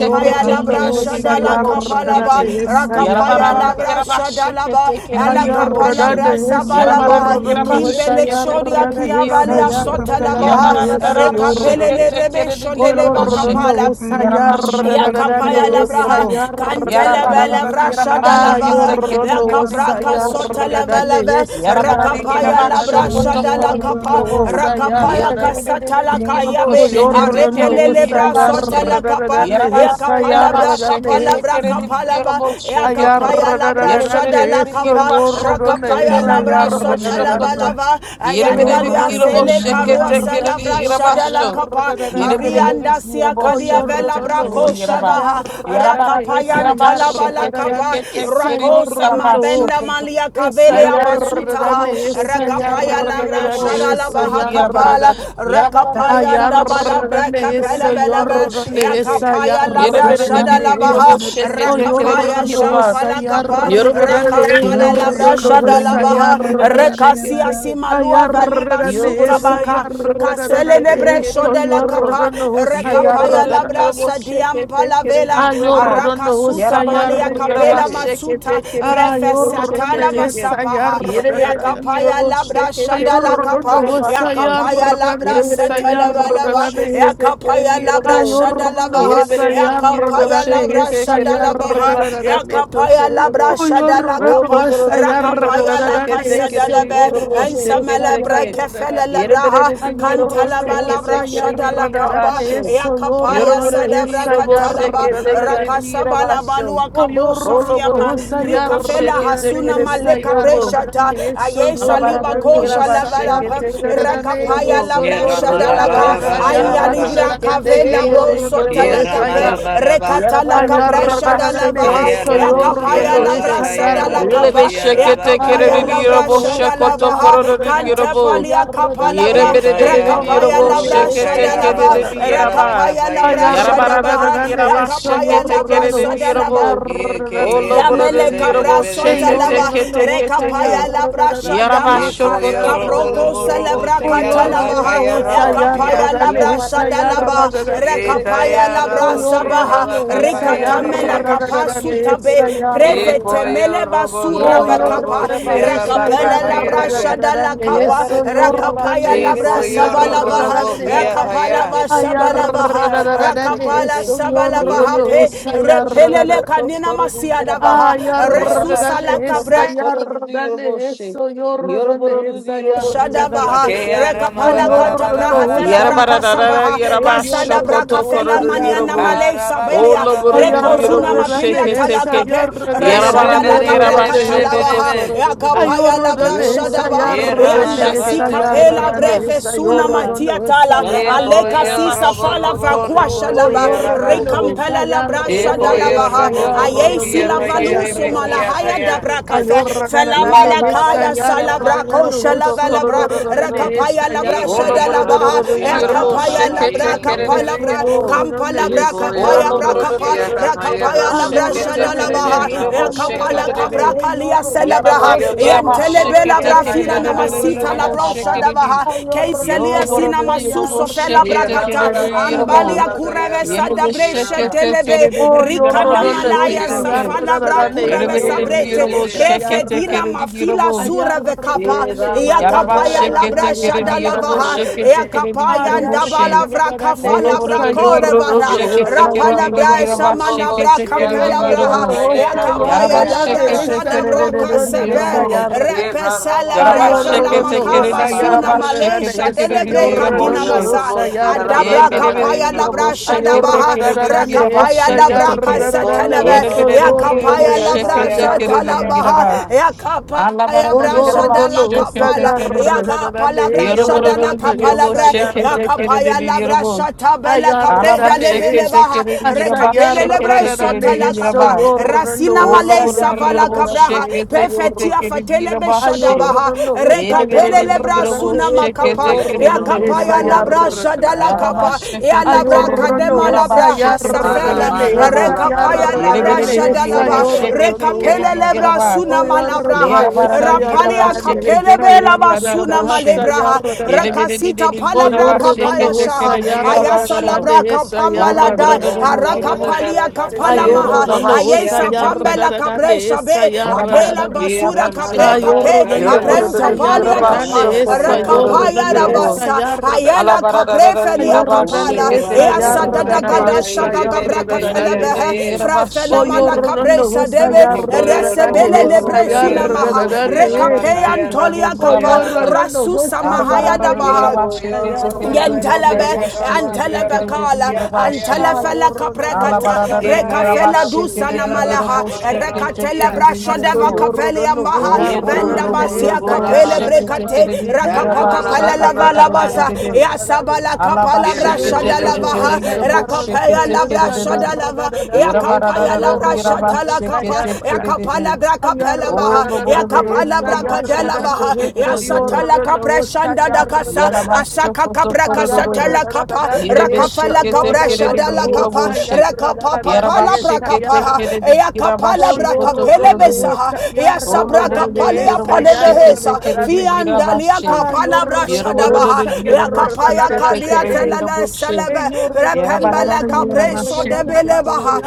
S3: Ayam panama
S2: labra
S3: amanebedebede. Ayam
S2: shadalakapalaba.
S3: prantsetana
S2: Rakapaya
S3: amanebedebede.
S2: labra shadalaba. Alakapalabra sabalaba.
S3: Ramakapayanamadabidabidabidabida.
S2: Kimbelek shodia kiavalia sotalabaha.
S3: Ramakapayanamadabidabida.
S2: Rekapelele rebe shodele kapala Yakapaya
S3: Ramakapayanamadabidabidabidabida.
S2: labraha, kantelebe levra
S5: Yarabarabara,
S2: shada
S6: Ah,
S2: lava,
S6: yordono hosa
S2: yakapraka sota
S3: Rebakapayanamadabidabidabidabidabida.
S2: leve
S6: yardadane
S2: leve,
S6: hesa
S2: rakapaya
S6: yardadane
S2: labra
S6: he
S2: shada la
S6: yordono
S2: kapa,
S6: hosa
S2: rakapaya
S3: Makapayanamadabidabidabidabida.
S5: Yere bere de
S6: yardadane.
S2: kasata la
S5: bir yere boş
S6: Oh,
S2: kayabe,
S5: şekete
S6: yordono
S2: arepele
S6: hosa
S2: lebra sota la kapa,
S6: yardadane hesa
S2: yakapala be
S6: yardadane he.
S2: kapala bra
S3: Ramakapayanamadabidabidabidabida.
S2: kapala ba, yakapaya labra
S6: Ayardadane
S2: shada la
S6: heso
S2: kapa,
S6: yordono
S2: rakapaya
S6: hesa
S2: labra sota lava
S6: yardadane.
S3: Makapayanamadabidabidabidabida.
S2: lava, ayandalia
S6: Ayordono
S2: sele
S6: hosa
S2: karua
S3: Rabakapayanamadabidabidabidabida.
S6: yardadane
S2: salavra
S6: hesa
S2: shadala kapa
S6: yardadane
S2: arianda
S6: he.
S2: sia
S6: Oh,
S2: kadia vela
S6: yordono
S5: kere bir
S2: brako
S5: yere
S6: hosa
S5: ba.
S2: shavaha
S5: Yarabara
S6: yardadane hesa
S2: rakapayan talabala kapa
S6: yardadane isa
S2: rakosa
S6: yordono.
S2: mabenda malia kavele abasutaha
S6: Esayarragane,
S2: rakapaya lavra
S6: esayarragane,
S2: shadala baha kapala
S6: esayarragane,
S2: rakapayanda balabra
S6: ayarragane,
S2: kapela belebe
S6: esoyorragane,
S2: yakapaya
S3: Rabaya
S2: labra
S6: esayarragane,
S2: shadala
S6: es-
S2: baha rakapaya
S6: oyorragane,
S2: shampala kapa Labaha,
S6: osayarragane,
S2: Rakampala Labra
S6: eyorragane,
S3: kapaya nana
S2: Shadalabaha,
S3: mama de bere
S6: osayarragane,
S3: bere
S2: Rekasia
S3: bara.
S2: Simalua Valiba
S6: ayarragane,
S2: Sutabaka,
S6: esayarragane,
S2: Caselebre Shodela Capa,
S6: esoyorragane,
S2: Rekapaya
S5: Yorobarada
S2: Labra
S6: osayarragane,
S5: Yorobo shake
S2: Sadiam
S5: it, take it, and
S2: Palavela,
S5: Yoraba.
S6: ayorragane,
S2: Arakasuta
S5: Yarabarada
S2: Malia
S5: Yoroba
S2: Capela
S6: osayarragane,
S5: shake it,
S2: Masuta,
S5: take it, and Yorobo shake
S6: ayorragane,
S5: it,
S2: Prefesatala
S5: take it.
S2: Vasapaha,
S5: Yerabada
S6: esayarragane.
S2: Yakapaya
S5: Yorobo
S2: Labra
S5: shake it, take it,
S2: Shadala
S5: and
S6: Ayorno
S2: Capa,
S5: Yoraba.
S2: Yakapaya Labra
S6: hosayarrane
S5: Yerabada Yorobo
S2: Satalavalava,
S5: shake it,
S6: hesayarrane.
S5: take it, and
S2: Yakapaya Labra labra
S5: Yorobo.
S6: Ayorno
S2: shadalabaha,
S5: Yerabada Yorobo
S2: yakapaya
S6: hosayarrane
S5: shake it,
S2: labra
S5: take it, and
S2: shadalabaha,
S6: hesayarrane.
S2: yakapaya
S5: Yoraba.
S2: labra
S6: Oyorno
S5: Olo
S2: shadalakapa,
S5: bororo dingiro
S2: rakapaya
S5: boşe
S2: laka
S6: hosayarrane
S5: kese kere
S2: sadalabe,
S5: dingiro
S6: hesayorrane
S5: boşe
S2: ensamele
S5: kete ke.
S6: hesayarrane.
S2: brekefele
S5: Yere
S2: labraha,
S5: berere dingiro
S6: Ayorno
S2: kantalaba
S5: boşe kete
S2: labra
S5: kere dingiro
S6: hosayarrane
S2: shadalakaba,
S5: başe. Yoro
S2: yakapaya
S6: hesayorrane
S5: bororo
S2: sadabra
S5: dingiro boşe
S2: katalaba,
S5: kete kere
S6: hesayarrane.
S5: dingiro
S2: rakasabala
S5: başe.
S6: Oh,
S2: balua kabosa
S5: Olo
S6: you're
S2: fiaba,
S5: bororo dingiro boşe
S2: prikafela
S5: kete
S2: hasuna
S5: kere
S2: maleka
S5: dingiro bo.
S2: preshata, ayesa
S5: Nala
S2: liba
S5: barada dingiro
S2: Rakosha
S5: başe
S2: Lavalabra,
S5: kete kere dingiro
S2: Rakapaya
S5: bo.
S2: Labra
S4: Ira mala bara
S5: Yarabarara
S2: Shadalaka,
S4: bara
S2: Aya Libra
S5: yarabasheke
S2: Cavela
S5: tekerere
S2: Broso
S4: Ira
S2: Telakape,
S4: mala
S5: yarabosheke.
S4: bara
S2: Rekatala
S5: Yarabarara
S2: Capra
S5: yarabasheke
S2: Shadalavaha,
S4: Kaya
S5: tekerere
S4: rabo siya
S2: Yakapaya
S4: raba
S2: Labra
S5: yaraboshe.
S4: kaya rabo
S2: Sadalakapa,
S4: siya
S5: Rilebesheke
S4: raba
S2: Yakapaya
S5: tekerere
S4: kapa.
S2: Labra
S5: yarabosheko
S2: Shadalavaha,
S5: tokororo yarabo.
S2: Cantapalia Capalabra,
S5: Yereberere
S4: Ikaya
S2: Rakapaya
S4: rabo
S2: Labra
S4: robo
S5: yarabosheke
S4: kaya
S2: Shadalava,
S4: rabo
S5: tekerere
S4: siya raba
S5: yaraba.
S2: Rakapaya
S4: kapa
S2: Labra
S4: yerebe.
S5: Yarabarara
S2: Shadabaha,
S5: yarabasheke
S2: Yakapaya Labra
S5: tekerere
S2: Sadalava.
S5: yarabo.
S4: Ike yereme
S2: Yamele
S5: Olobororo
S4: rebe
S2: kabra
S4: rebe rebe
S6: Ey
S2: sota
S5: yarabosheke
S4: rebe.
S2: laba
S5: teke
S6: yorrando
S5: teke
S6: hosa
S5: teke.
S2: rekapaya labra
S6: yarrando
S5: Yaraba
S6: hesa
S2: shadamaka
S4: Ikoyo
S5: şokoto
S4: robo
S6: yarrando.
S2: kabroko
S5: kolori
S4: robo
S5: yorobo
S4: robo
S2: celebra
S6: O
S4: siya
S5: seke
S4: raba
S6: yorrando
S5: tekereli
S2: katalabaha
S4: kaya
S6: hosa
S4: rabo
S5: yaraba.
S4: siya.
S2: yakapaya
S6: yarrando
S2: labra
S6: hesa
S5: Yarabararın yaraba
S2: shadalaba
S6: yarrando.
S5: seke
S2: rekapaya
S4: Ikaya
S5: tekereli
S6: O
S2: labra
S5: yorobo
S4: rabosi
S5: şek.
S2: sabaha
S6: yorrando
S4: alabaka
S6: hosa
S4: paye
S5: Yarabararın
S2: rikatamela
S4: rebe.
S5: yaraba
S6: yarrando
S5: seke
S2: kapasutabe
S6: hesa
S5: tekereli
S6: yarrando.
S4: Ikoyo
S2: Mele
S4: robo
S2: basura
S6: O
S4: lobo
S5: Yarabara the
S4: robo
S2: vakapa.
S6: yorrando
S4: si
S5: Yeraba shake
S6: hesa
S5: it at
S4: alabaka
S2: Rakapela
S5: the
S4: paye
S2: labra
S5: Yerobo.
S4: rebe.
S2: shada la
S6: yarrando
S2: kapa.
S5: Yarabara
S6: eso
S5: the Yeraba
S6: yorrando
S2: Rakapaya
S5: shake it,
S2: labra
S6: hesa
S5: take
S4: Ikoyo
S5: it, take
S4: robo
S5: it.
S2: sabalavaha.
S4: lobo
S6: yarrando.
S4: kia
S5: Yeraba shake
S2: Rakapala
S4: paya.
S5: it, take it at the
S2: vashabalavaha.
S5: Yeraba
S6: Ayarrando
S5: shake it.
S2: Rakapala
S6: eso
S2: shabalavaha
S6: yorrando
S5: Yerabere
S2: pe.
S5: the
S6: hosa
S5: Yerobo
S2: Repelele
S5: shoko
S6: yarrando.
S5: to
S2: kanina
S5: koro the
S2: masiada
S5: Yeraba.
S2: vaha.
S6: Ah,
S5: Yaraba
S2: Resusa la
S5: shoko
S6: yardanesa,
S5: to
S2: cabra.
S5: koro the Yerobo shake.
S6: yardanesa,
S5: Yoroboro the
S6: yordanesa,
S5: Yerobo shake it,
S2: Shadabaha,
S5: take
S6: yardanate.
S5: it at
S4: Keya
S5: the
S6: Oh,
S4: ramala
S2: Rekapala
S5: Yeraba.
S4: bala
S2: Kata
S4: bala
S2: praha
S4: bala
S2: Fela
S6: yordanosa,
S4: ba.
S2: Braka
S5: Yarabarara
S2: Sabaha,
S6: yardane,
S5: yaraba
S2: Kasada Braka
S5: shokoto
S2: Fela
S6: yordanosa,
S5: korodo
S2: Maniana
S5: yorobo.
S6: yardane.
S2: Malay
S4: Arabala
S2: Sabelia,
S5: Olo
S4: bala
S6: Oh,
S4: bala
S5: borodo
S4: bala
S2: Prekosuna
S4: ba.
S5: yorobo
S2: Mapilia
S5: sheke
S6: yardanesa,
S5: teke.
S2: Talakape,
S6: yardane, oh,
S5: Yarabarara
S4: Irebe
S2: Reshadala
S4: rebe
S5: yaraba
S2: Capraca
S4: rebe
S6: yordane.
S4: rebe
S5: shokoto
S2: Talawaha,
S4: rebe.
S5: korodo
S6: Ah,
S5: yorobo.
S2: Yakapaya Labra
S6: yordanesa,
S5: Yoroborodo
S2: Shadaba,
S5: yorobo
S2: Yanda
S4: Iramala
S5: sheke
S6: yardanesa,
S4: bara bara
S5: teke
S2: Sikapela
S4: bara
S5: teke
S4: ba.
S2: Brefe
S5: rodo
S6: yardanesa,
S2: Suna
S5: yaraba.
S2: Matia
S6: yordanosa,
S2: Tala,
S5: Yarabarara
S2: Aleka
S4: Ikoyo
S5: yaraba
S6: yardanate.
S2: Sisa
S4: robo
S2: Fala
S5: shokoto
S4: lobo
S2: Vakua
S4: robo
S6: Oh,
S5: korodo
S4: si
S2: Shalaba,
S4: alaba.
S5: yorobo.
S6: yordanesa,
S2: Rekampela Labra
S5: Yereberodo
S4: Ekoyo
S6: yardanesa,
S2: Shadalabaha,
S4: robo
S5: yorobo
S4: robo
S5: sheke
S2: Ayesi
S4: kia
S6: yordanesa,
S5: teke rudu
S4: payere
S2: Lavalus
S4: be
S5: yorobo
S6: yardanate.
S4: kia
S2: somalahaya
S5: sheke
S4: paya.
S5: teke.
S2: dabrakafe
S6: Ayordanane
S5: Yarabarara
S6: hesa
S2: felamalakaya
S5: yaraba
S2: salabrako
S6: yardanane
S5: shokoto
S6: hoso
S2: shalavalabra
S6: yordane
S5: korodo.
S2: rakapaya
S6: hesa
S2: labra
S5: Ola
S6: yardanane
S4: Ekaya
S5: bora do do
S4: ramo
S2: shadalabaha
S5: do do do
S4: sia la
S5: yorobo
S4: baka
S2: yakapaya
S5: shake it,
S2: labra
S5: take
S4: payere
S6: ayardanane
S5: kere
S4: be.
S5: de de
S6: hoso
S2: kapalabra
S5: yorobo.
S6: yordane
S2: kampalabra
S6: hesa
S4: Ekoyo
S2: kapaya
S5: Ola
S4: robo
S5: bora do do
S2: brakapa
S5: do
S4: sia
S6: yardanane
S5: do do do
S4: kapaya
S5: yorobo
S2: rakapaya
S4: rabo
S2: labra
S5: shake
S4: sia
S5: it, take kere de
S6: ayordanane
S2: shadalabaha
S4: kapaya
S5: de
S6: hesa
S4: ramo
S5: yorobo shake
S4: sia
S5: de
S2: yakapala
S4: la
S5: de
S4: na.
S6: yordane
S2: kapra
S5: de.
S6: he
S2: kalia
S6: yordane
S5: Yaraba
S2: celebraha
S4: Oyo
S6: hosa
S5: yaraba
S4: robo robo
S5: shake it,
S2: yantelebela
S6: yordane
S5: take
S4: kia
S5: kere
S6: hesa
S5: de
S2: brafina
S4: paya
S5: de de de
S4: rabo
S2: namasita
S4: sia
S5: yorobo
S2: labro
S6: yardanane
S5: shake
S4: kapa.
S5: de de.
S2: shadabaha
S6: ayordanane
S5: Yolo
S2: keiselia
S5: bora
S2: sina
S5: do
S6: hesa
S5: yorobo
S2: masuso fela
S5: shake
S4: Ni
S5: it, take kere
S6: yardanane
S2: brakata
S4: rama la
S5: de
S4: ba
S6: hesa
S4: la ba la
S5: yorobo.
S2: ambalia
S4: ba
S2: kura
S4: kaya
S6: yardanane
S2: kureve
S5: Yele
S4: rabo
S5: be
S4: sia la
S5: shake
S2: sadabresha
S5: it,
S4: ba.
S5: take
S2: delebe
S5: kere de de
S6: Oh,
S2: rikana
S5: yaraba
S6: yorrodonde
S5: shake it,
S2: malaya
S4: Ekoyo
S6: esa
S5: take.
S4: robo
S2: safala bra
S4: sia
S5: Yele
S6: yarradane,
S2: kureve
S5: be de de
S4: kapayere be
S2: sabrete
S6: yorrodonde
S4: rebe
S5: yorobo
S4: be?
S6: esa
S5: shake it, take
S2: prefedina
S6: yarradane.
S5: kere de
S2: mafila
S5: yorobo.
S2: sureve vekapa
S4: Ni
S6: Ayarradane
S2: ya
S4: rama
S6: eso,
S4: la
S5: Yaraba
S2: kapa
S4: ba
S2: ya
S5: sheke
S4: rama
S6: yorrodonde
S2: labra
S5: teke
S4: la
S5: de di
S4: ba
S6: esa
S2: shada
S5: yerobo
S2: lavaha
S4: kapaya
S5: sheke
S2: ya
S6: yarradane.
S5: teke
S4: be?
S5: de di
S2: kapa ya
S5: yerobo
S2: ndaba
S5: she.
S2: lavra
S6: Ayarradane
S2: kafa
S5: ono boro
S2: labra
S6: esa
S5: de de di yerobo
S4: Thank
S6: yorrodonde
S2: korevara
S5: sheke
S4: you.
S6: esa
S5: teke
S2: rapa
S5: de di di
S2: labra
S6: yarradane.
S5: yeroba
S2: shama
S5: sheke
S2: labra
S5: teke de di
S2: kapela braha
S6: Ayorrodonde
S5: yerobo.
S2: ya
S6: esa
S2: kapa ya
S5: Yaraba
S6: yarradane,
S2: labra
S5: sheke teke
S6: esa
S2: shada
S5: de de
S2: bra
S5: de de
S6: yorrodonde
S5: di yerobo.
S6: esa
S2: kasebel
S6: yarradane.
S2: repesa
S5: Yaraba
S2: lavra fela
S5: sheke
S6: Ayorrodonde
S5: teke de di
S2: makaba
S6: esa
S2: suna
S5: yaraba
S2: male
S6: yarradane,
S5: sheke teke de
S6: esa
S5: di
S2: shadelebre
S5: di yerobo
S2: kadina
S6: yorrodonde
S5: she.
S2: masa
S6: esa
S5: E
S2: adabra
S5: bere
S6: yarradane.
S5: bere
S2: kapaya
S5: di
S2: labra
S5: yerobo sheke
S2: shadabaha
S5: teke de di di
S6: Ayorradarane
S5: yaraba
S2: rakapaya
S6: esa
S5: sheke
S2: labra
S5: teke.
S6: yarradarane
S2: kasetelebe
S5: Yere
S6: hoso
S5: bere de di yerobo
S2: yakapaya
S6: yorrodane
S2: labra
S5: sheke
S6: esa
S5: teke de di
S6: yarradarane.
S2: shatalabaha
S5: yaraba.
S2: yakapaya
S5: Allah bara
S6: O
S5: de di
S2: brasha
S5: yaraba
S2: da
S6: yorrodane
S2: la
S5: sheke
S6: hosa
S2: kapala
S5: teke de de.
S6: yarradarane
S2: yakapala
S6: e
S2: brasha
S5: Yoruba
S2: da la
S6: yorrodane
S2: kapala
S5: Yoruba
S6: esa
S2: bre
S5: shake it take it
S2: yakapaya
S6: yarradarane.
S5: in
S2: la brasha
S5: Yoruba.
S2: tabela kapre da
S5: Alaba shake
S2: lebele
S5: it
S6: Ayarradane
S5: take
S2: baha
S5: it in
S6: asa
S5: Yoruba
S2: rekapele
S5: shake it
S2: lebre
S5: take it
S6: yarradarane
S2: sota la
S5: in
S2: kapa
S6: eso
S5: Yoruba.
S6: yorrodane
S2: rasina
S5: All
S2: male
S6: hosa
S5: over the
S2: savala
S5: Yoruba
S2: kabra
S5: shake
S2: Raha,
S6: yarradarane
S5: it
S6: esa
S5: take it take
S2: Befetia
S5: it
S6: yorrodane.
S5: in
S2: Fatelebe
S5: Yoruba shake.
S2: Shadabaha,
S6: Ayorrodane hosa
S5: Elevated
S2: Rekapele
S5: in
S2: Lebra
S5: Yoruba
S6: yarradarane
S2: Suna
S5: shake
S6: eso
S5: it
S2: Makapa,
S5: take it
S6: yorrodane
S5: in
S6: esa
S2: Yakapaya
S5: Yoruba.
S2: Labra
S6: yarradarane.
S2: Shadala
S5: Yalaba
S2: Kapa,
S5: shake
S2: Ya
S5: it take it
S2: Labra
S5: in
S2: Kadema
S6: Ayorno
S5: Yoruba
S2: Labra
S5: shake it take it in
S2: Hasafela,
S6: sayarrane
S5: Yoruba.
S2: Rekapaya Labra
S5: Elevated in
S6: sayarrane
S5: Yoruba
S2: Shadalaba,
S5: shake it take it
S6: sayorno
S2: Rekapele
S5: in
S2: Lebra
S5: Yoruba.
S2: Suna Malabraha,
S6: oyorrane
S5: Yoruba Yoruba
S2: Rapalia
S5: shake
S6: sayarrane
S5: it
S2: Kapele
S5: take it
S2: Bela
S5: in
S2: Basuna
S6: sayarrane
S5: Yoruba
S2: Malebraha,
S5: Yellow
S6: sayarrane
S2: Rakasita Palabra Kapaya
S6: oyorno
S2: Shaha, Ayasa Labra
S6: sayarrane
S2: Kapamala
S4: Ora
S6: sayarrane
S2: Dai, arakapalia
S4: Rabba,
S2: kapala maha
S6: ayorno
S2: ayesa pambela kapre
S6: sayarrane
S2: shabe apela
S6: sayarrane
S2: basura kapre kape
S5: Yellow
S4: Ekaya
S6: ayorno sayarrane sayorno
S2: aprenta palia kapa rakapaya
S6: sayarrane
S2: rabasa ayela kapre felia kapala
S6: ayorno
S2: easa dada
S6: sayarrane
S2: gada shaka kapra kafela
S6: sayarrane
S2: behe fra fela
S6: O
S2: mala kapre
S6: yorrando hosa
S2: sadebe
S6: yarradane
S2: resebele
S6: hesa
S2: lebre sunamaha
S6: yarradane
S2: rekapeya ntolia
S6: O
S2: kapa
S6: yorrando
S2: rasu
S6: hosa
S2: samahaya
S5: Alabarara
S6: yarradane
S2: dabaha
S6: hesa
S5: yarabasheke tekerede
S6: yarradane
S2: Yentelebe,
S6: hesa
S5: yarabosheke
S2: antelebe
S5: tekerede
S6: yarradane
S2: kala,
S5: yarabashe.
S2: antele
S6: Ah
S2: fele
S6: yorrando
S2: kaprekata,
S6: hosa
S5: Alabarara
S2: preka fele
S4: rabo
S6: yarradane
S5: yarabasheke
S2: dusa na
S4: siya
S5: de
S6: hesa
S4: raba
S2: malaha,
S4: kafaya
S5: yarabosheke
S4: rabo
S6: yarradane
S2: rekatele
S4: siya.
S5: tekerede
S2: brasho
S6: Aso
S2: deva
S5: yarabo.
S2: kafele
S6: yorrando ho
S2: yambaha,
S5: Olo
S4: Ye Rabala
S2: venda
S5: bororo
S6: yarradane
S2: basia
S6: hesa
S5: yaraboro
S2: kapele
S5: sheke
S2: brekate,
S6: yarradane
S5: tekerede
S6: Eso
S2: rakapaka
S5: yarabasha
S2: pele
S6: yorrando
S2: leva
S6: hesa
S5: katakare de de
S2: labasa,
S5: de de.
S6: yarradane
S2: yasabala kapala
S5: Alabasheke
S2: brasho de
S6: Ayorrando
S5: tekerede
S2: lavaha,
S6: hosa yarradane
S5: yarabosheke
S2: rakapaya la
S6: hesa
S5: tekerede
S2: brasho
S5: de.
S2: de lava,
S6: yarradane Eso
S2: yakapaya la
S5: Yarabarara
S2: brasho
S6: yorrando
S2: tala
S6: hosa
S5: yarabasheke
S2: kapa, ya
S6: yarradane
S5: tekerede de.
S2: kapalabra
S6: Ay, Señor,
S2: kapelamaha,
S5: Olo
S2: ya
S5: bororo
S6: ¿dónde está
S2: kapalabra
S6: yarra
S5: yarabosheke
S6: da da da?
S2: kadelamaha, ya
S5: tekerede
S6: Soy
S5: de
S2: satala kapreshanda dakasa, asaka kapra
S6: yarra
S5: Yarabashokotokorororo.
S2: kasatala
S6: da
S2: kapa,
S6: da de eso,
S2: rakafala
S6: yarra
S2: kabresha
S5: Yerebesheketekereri
S2: dala kapa,
S5: yoroboshe.
S2: rakapa papala brakapaha,
S5: Yarabasheketekereri
S2: ya kapala brakapele
S5: girabashokotokorororo.
S2: besaha, ya sabra
S5: Oloborororo
S2: kapale ya pale behesa,
S5: yorobosheketekereri
S2: fiandalia
S5: girabashe.
S2: kapala
S5: Yoroborororo
S2: brashadabaha, ya kapaya kadia
S5: yorobosheketekereri
S2: Rekatelele
S5: yoroboshe.
S2: selebe. Repembele
S5: Yarabarararo
S2: kapreso debele
S5: yarabasheketekereri
S2: baha.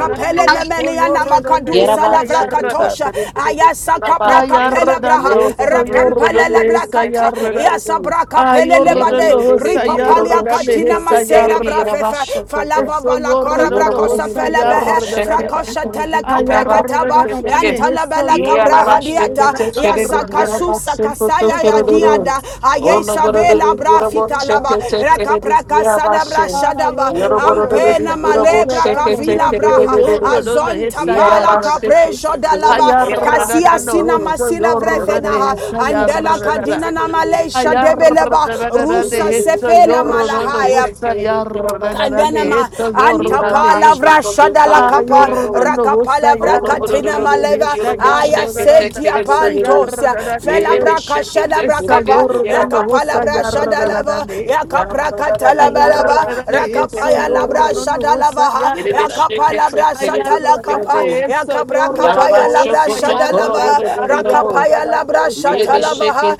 S5: yoroboshe.
S2: nemelia
S6: donde
S2: namakadusa
S6: está yarra
S2: lavrakatosha.
S5: Yarabasheketekereri
S2: Ayasa kapra
S6: Ay,
S5: girabashe.
S2: kapele
S6: arradan
S2: braha.
S6: eso, y
S5: Yoroborororo
S6: ordan
S2: Repempelele
S6: esa, y
S2: brakata.
S5: yorobosheketekereri
S6: arradan.
S2: Yasa
S5: yoroboshe.
S6: Ay,
S2: brakapele
S5: Yere
S6: ordan
S2: lebade.
S5: bere bere
S6: osa,
S5: bere
S6: y
S5: yere bu
S2: Ripapalia
S6: arradan
S2: katina
S5: şeker
S6: esa, y
S2: masera
S5: tekeri yere baş
S2: vrafefe.
S5: şeker.
S2: Falava
S6: Eso, y
S2: vala
S5: Yarabash,
S2: kora brakosa
S6: osa, y
S2: felebehe.
S6: arradan.
S2: Frakosha tele kapre kataba. Yantala
S6: eso, y
S2: Rabela Capra Hadiata,
S6: esa, y
S2: Yasakasusa Kasaya
S6: Eso, y
S2: Yadiada,
S6: osa, y
S2: Ayesabela Brafita
S6: esa,
S2: Laba,
S6: y arradan.
S2: Rakapra Casada shadaba Ampena
S6: osa, y
S2: Malebra Kavila
S6: Eso, y
S2: Braha, Azonta
S6: esa, y
S2: Pala
S6: arradan.
S2: Capresho Dalava, Casia Sina
S6: osa, y
S2: Masila Vrefenaha,
S6: esa, y
S2: Andela Kadina Namalesha Debeleba,
S6: Ayarrarararande
S2: Rusa
S6: hecho
S2: Sefela
S6: yorro no no
S2: Malahaya,
S6: gusta yarrarararande
S2: Kandanama
S6: hecho yorro donde he.
S2: antapalavra
S5: Yalabashoko
S2: shadala kapa
S6: Ayorro no nos gusta
S2: rakapalavra katina
S6: yarrarande
S2: maleva
S6: hecha
S2: aya
S6: yarrararande
S2: setia
S6: esa yarrararanda asa
S2: pantosia
S6: yarrararande
S2: felabra
S6: he.
S2: kashadabra
S6: Esa
S2: ekapala
S6: yorro no nos gusta
S2: ekapalavra shadalava
S6: yarrarararande.
S2: ekapra katalabalava
S6: Ayarrararande eso
S2: rakapaya labra
S6: yorro no nos gusta
S2: shadalava
S6: yarrararande.
S2: ekapala shatala kapa
S6: Ayarrararande eso
S2: ekapra
S6: yorro no
S2: kapaya
S6: nos
S2: labra
S6: gusta
S2: shadalava
S6: yarrararande.
S2: Shadalabaha, Rakapaya Labra
S6: Ayarrararande esa
S2: Shatalabaha,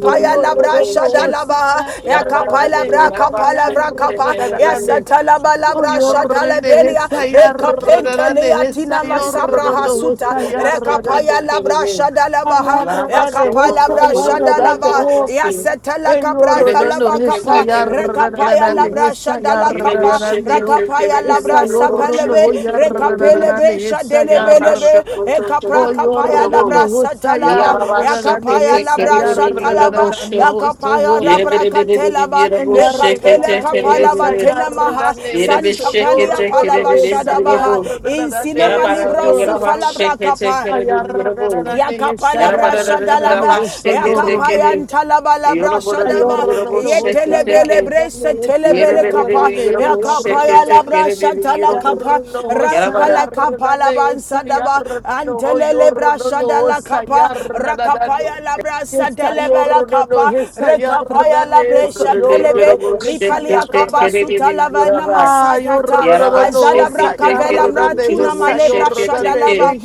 S6: Oh, yo
S2: Labra
S6: redondo, Oh, sayar,
S2: Shadalabaha, Yakapaya Labra
S6: dadane,
S2: Kapala
S6: sayar,
S2: Vrakapa,
S6: dadane.
S2: Yasatalaba
S5: Yalabashoko
S6: Oh,
S2: Labra
S6: yo rende, he,
S2: Shadalabelia,
S6: sayar, dadane,
S2: Rekapentelia
S6: he,
S2: Tinama
S6: sayor,
S2: Sabra
S6: redondo, Oh,
S2: Hasuta,
S6: sayar, dadane.
S2: Rekapaya Labra Shadalabaha,
S6: Sayar, dadane,
S2: Yakapaya
S6: he,
S2: Labra
S6: sayar, dadane,
S2: Shadalaba,
S6: Oh,
S2: Yasatala
S6: Eh, yo
S2: Capra
S6: redondo,
S2: Zalaba
S6: he,
S2: Kapa,
S6: sayar,
S2: Rekapaya
S6: dadane, he,
S2: labra shadala
S6: sayar,
S2: kapa
S6: dadane, oh.
S2: rakapaya
S6: He,
S2: labra
S6: sayor, redondo,
S2: sapelebe
S6: oh, yar,
S2: rekapelebe
S6: dadane, he, sayar.
S2: shadelebelebe ekapra
S6: Oh,
S2: kapaya
S6: you're the
S2: labra
S6: no who say No,
S2: satalaba yakapaya labra shatalaba
S6: so
S2: yakapaya rabra
S6: you're.
S2: katelaba rekapele kapalaba tenemaha
S5: Yere bir
S2: santa
S5: şeke
S2: palia
S5: tekere
S2: palava
S5: bir yere
S2: shadabaha
S5: bul. Yara
S2: insinama libra
S5: bara yara bak
S2: sufalabra
S5: şeke
S2: kapa
S5: tekere bir yere bul. Yara
S2: Yakapalabra
S5: bara yara
S2: shadalava,
S5: bak şeke
S6: Sayar
S5: tekere.
S2: yakapayan talabalabra
S5: Yolu bara bir
S2: shadava,
S5: yere bul
S6: Ayorrando
S5: şeke
S6: hosta
S2: yetelebele
S5: tekere.
S2: brese
S6: yardane esa
S5: Yere
S2: telebele
S5: beri de
S2: kapa,
S5: bir yere
S6: yardane
S5: bul şeke
S2: yakapaya
S6: yorrando
S2: labra
S5: tekere bir yere
S2: shatala
S5: bul.
S2: kapa,
S6: ayarrando
S5: Yara
S6: hosta
S5: bara
S2: rapala
S6: yardane
S2: kapalaban
S6: esa
S2: sadaba,
S6: yardano
S2: antelele bra
S6: yorrando
S2: shadala
S6: hosta
S2: kapa,
S6: yardane
S2: rakapaya labra
S6: esa
S2: sadelebele
S6: yorrando
S2: kapa,
S6: esa
S2: rekapaya
S6: yardane
S2: labre
S6: esa
S5: bara bir yere
S6: yorrando
S2: shadelebe,
S5: bul
S6: esa
S5: şeke
S2: ripalia kaba
S5: tekere
S6: yardane
S5: bir
S2: sutalava
S5: yere bak.
S2: namasayata,
S5: Yara bak
S6: ayorrando
S2: azadabra
S5: şeke
S6: hosta
S2: kavela
S5: tekere bir
S2: mratuna
S5: yere bul
S2: malebra
S5: şeke tekere.
S2: shadalava,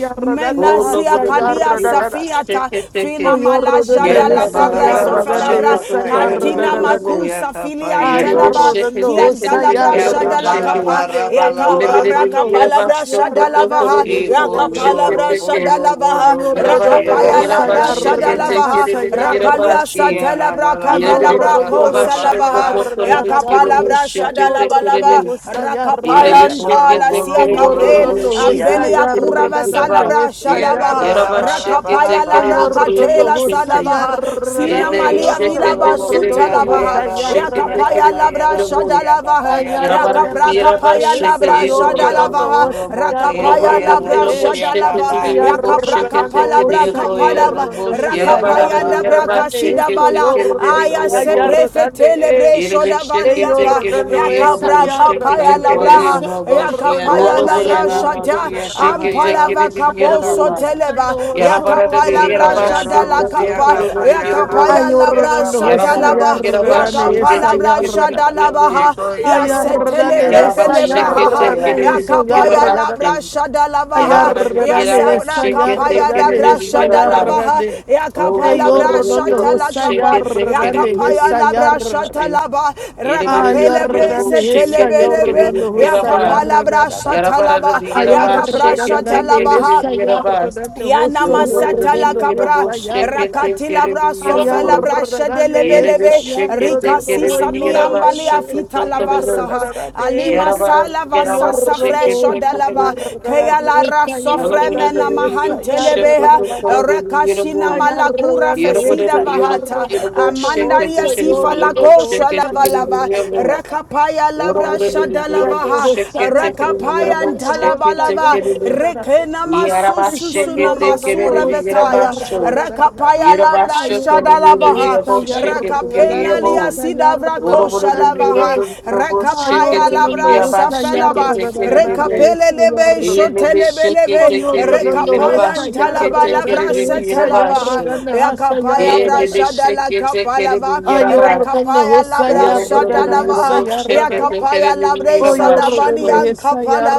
S5: Oh, no,
S2: menasia
S5: but I mean,
S2: kadia
S5: you know, shake
S2: safiata
S5: it, shake
S2: fina
S5: it.
S2: malaja
S5: Yara
S2: da la
S5: bara bara
S2: cabra
S5: yara bara shake
S2: sofelabra
S5: it, to koro
S2: katina
S5: bara yara bara.
S2: makusa
S5: Yere bir
S2: filiantelaba
S5: shake
S6: Ayordan
S5: it, shake it,
S6: olsa
S5: bir
S2: kiantalabra
S5: yara bir
S2: shada la
S5: shake it.
S2: capa
S6: yardan de
S2: yaka
S5: Yere bir
S2: capra
S6: yordan
S5: bir yara bara
S6: olsa
S2: capalabra
S5: shake it,
S2: shada
S5: to koro
S6: yardan
S2: lavaha
S5: bara
S6: de
S5: yara
S6: olsa
S2: yaka
S5: bara shake
S6: yardan
S5: it,
S2: palabra
S5: shake
S2: shada
S5: it.
S2: lavaha
S5: Yara bara
S6: Ayordan
S5: bara
S2: rakapaya
S5: yara
S6: olsa
S5: bara
S2: labra
S5: shake
S2: shada
S5: it,
S6: yardan
S5: shake
S2: lavaha
S6: hasa
S5: it, bir yara bara
S2: rakalia
S6: yardan
S5: shake.
S2: satelabra
S5: Yere bir
S2: cavalabra
S5: bir
S6: Ayordan
S5: yara bara
S2: kosa
S5: shake
S6: olsa
S5: it, to
S2: lavaha
S5: koro bara
S2: yaka
S6: yardan
S5: yara
S6: de
S5: bara
S2: palabra
S6: hesa
S5: shake
S2: shada
S5: it, shake
S2: lava
S6: yordan
S2: lava
S5: it.
S6: olsa
S5: Yere bir
S2: rakapaya
S6: yardan
S5: shake it,
S2: ndala
S5: shake it,
S2: sia
S5: bir yara
S2: capel
S6: Ayordan
S5: bara shake it,
S6: olsa
S2: ambelia
S5: shake it,
S2: curava
S5: bir yara
S6: yardan de
S5: bara.
S2: salabra
S6: hesa
S2: shada Sadabaha,
S4: bara
S6: yardan
S5: Yaraba
S4: bara
S2: Rakapaya
S5: şirkete
S4: ba.
S2: Labra
S5: kereliz
S6: Ayordan
S5: yaraba
S2: Katela
S6: olsa
S5: şirkete.
S2: Sadabaha,
S4: Ye
S2: Sina
S4: Eko
S6: yardan de
S5: Elinde
S4: yo
S2: Malia
S6: hesa
S2: Vila
S5: şirkete
S4: robo
S6: yordan
S2: Basuta
S5: kereliz
S4: siya
S5: yaraba
S2: Labaha,
S6: olsa
S4: rabo siya
S5: şirkete
S6: yardan
S2: Yakapaya
S5: kereliz
S2: Labra
S5: yaraba.
S2: Shadalavaha,
S5: Yaraba
S2: Yakapra
S5: yaraba
S2: Kapaya
S6: Ayarragadanehe, so
S2: Labra
S5: şirkete yaraba.
S2: Shadalavaha,
S6: yorrodono,
S5: Buru
S2: Rakapaya
S5: buru
S2: Labra
S5: yaraba
S6: sayarragadanehe.
S5: şirkete
S2: Shadalava,
S5: yaraba
S2: Yakapra
S5: şirkete
S6: Ayarragadaneho,
S2: Kapalabra
S5: kereliz.
S2: Kapalava,
S6: sayorrodonehe,
S5: Yaraba
S2: Rakapaya Labra
S5: yaraba
S6: sayarragadanehe,
S2: Kasida
S6: so
S5: şirkete
S2: Bala,
S5: kereliz
S6: yorrodono,
S2: Aya
S5: yaraba.
S2: Seprefetele
S6: ayarragadanehe.
S2: Bre
S5: Yerebe şirkete
S2: Shodavaliapa,
S6: Eyorrodono,
S5: kereliz yaraba
S2: Yakapra Kapaya
S5: şirkete
S6: esayarragadanehe,
S5: kereliz.
S2: Labraha,
S6: so
S2: Yakapaya
S6: yorrodono,
S5: Otoboro
S2: Labra
S5: Diviro
S2: Shata,
S5: Shake
S6: sayarragadanehe.
S5: it, take it,
S2: Ampalava
S5: it is
S2: kaposo
S5: beautiful.
S2: soteleba
S6: Ayarragadaneho, so
S5: Yarabarada
S2: yakapa
S5: de
S2: labra
S6: yorrodonehe,
S5: Yarabash,
S2: shada la
S5: Koto,
S2: kapa
S5: Koro,
S6: sayarragadanehe.
S2: yakapa
S5: Yarabu,
S2: ya labra
S6: Ayorrodono,
S5: Yarabarada
S2: satalaba
S5: Yarabash,
S6: sayarragadanehe,
S5: Shake
S2: yakapa
S5: it, take
S2: labra
S5: it, it is
S2: shada
S6: sayarragadanehe.
S2: laba
S5: beautiful.
S2: ha ya
S6: Ayarrane
S2: setelebre
S5: Yarabash,
S6: hesa
S2: felebra
S5: Shake
S2: ha
S5: it,
S2: ha
S5: take
S6: yarrane
S5: it,
S4: faya.
S5: it is
S6: heso
S2: yakapa ya
S6: yarrane.
S2: labra
S5: Yarabash,
S2: shada laba ha
S5: Yarabarada de
S2: ya
S6: Ayarrane
S5: Yarabash,
S2: sabra
S6: hesa
S5: Shake it,
S2: kapa ya
S5: take it,
S6: yarrane
S5: it
S2: labra
S5: is
S6: hesa
S2: shada laba
S5: Yarabash.
S2: ha
S6: yarrane.
S5: Oh,
S2: yakapa
S5: no, but
S2: labra
S5: it is
S6: Eyorrane
S2: shatala
S5: Yarabu,
S6: hosa
S5: Shake
S2: kapa
S5: it, take it, it
S6: yarrane
S5: is
S2: yakapa ya
S6: hesa
S2: labra
S5: Yarabu, Shake.
S6: yarrane.
S2: shatalaba
S5: Yarabarada de
S2: rakapelebre
S5: Yarabu,
S6: Ayarrane
S5: Shake
S6: hesa
S5: it, take it,
S2: setelebelebe
S5: it is
S6: yorrane hosa
S2: yakapa
S5: Yarabash.
S2: labra
S6: yarrane.
S2: shatalaba
S5: Yarabara di yaraba
S2: yakapra
S5: shake it take
S6: Ayarrane
S5: it
S2: shatalaba
S5: di
S2: ha
S6: hesa
S5: yarabas.
S6: yarrane
S2: Yana
S6: hoso
S5: Yarabara
S2: masata la
S5: di
S6: yorrane
S2: capra,
S5: yarabo
S6: hesa
S5: shake it
S6: yarrane.
S5: take
S2: rakatila
S5: it
S2: bra,
S5: di
S6: Ayar
S2: sofela
S5: yarabo.
S2: bra,
S5: Yerebe
S2: shedelebelebe,
S5: shake it
S2: rika
S5: take it
S2: sisa
S5: di yaraba
S2: miambalia
S5: shake it
S2: afita
S5: to
S2: la
S5: do.
S2: vasaha, alima
S5: Yarabara
S2: sala
S5: di yaraba
S2: vasasa
S5: shake it
S2: fresho
S5: take it
S2: de lava,
S5: di
S2: kaya
S5: yarabo.
S2: la raso
S5: Yarabara
S2: fremena
S5: di yarabo shake it
S2: mahantelebeha,
S5: to do di
S2: rekashina
S5: yarabo.
S2: malakura fesida
S5: Yarabara di yarabo
S2: vahata,
S5: yarabo shake it
S2: amandaria
S5: take it
S2: sifa
S5: di
S2: la
S5: yarabo shake
S2: kosha
S5: it
S2: la
S5: to do di
S2: Talabalava,
S5: yarabo.
S2: Rakapaya Labra
S5: Yorobodidididiyorobo,
S2: Shadalavaha,
S5: sheketekerere,
S2: Rakapaya
S5: yorobo,
S2: and Talabalava,
S5: sheketekerere.
S2: Rekenamasususuna
S5: Yarabasheketekerere,
S2: Masura Vetaya,
S5: yarabasho.
S2: Rakapaya Labra
S5: Yarabashokerere,
S6: Ayor
S2: Shadalabaha,
S5: yorobo,
S6: Ayar,
S5: sheketekere,
S2: Rakapena
S6: dale,
S2: Lia
S6: esa,
S2: Sidavra Koshalavaha, Rakapaya Labra Safelaba, Rekapele Lebe Shotelebelebe, rekapaya talabala brasa talabaha yakapaya
S6: yor,
S2: brashada la kapalava
S5: yorobo.
S2: rakapaya
S5: Roll
S2: labrasa
S5: over the
S2: talava
S5: beautiful, shake it, take
S2: yakapaya
S5: it, and the
S2: labresa
S5: about
S2: dabani
S5: sugar.
S6: dale,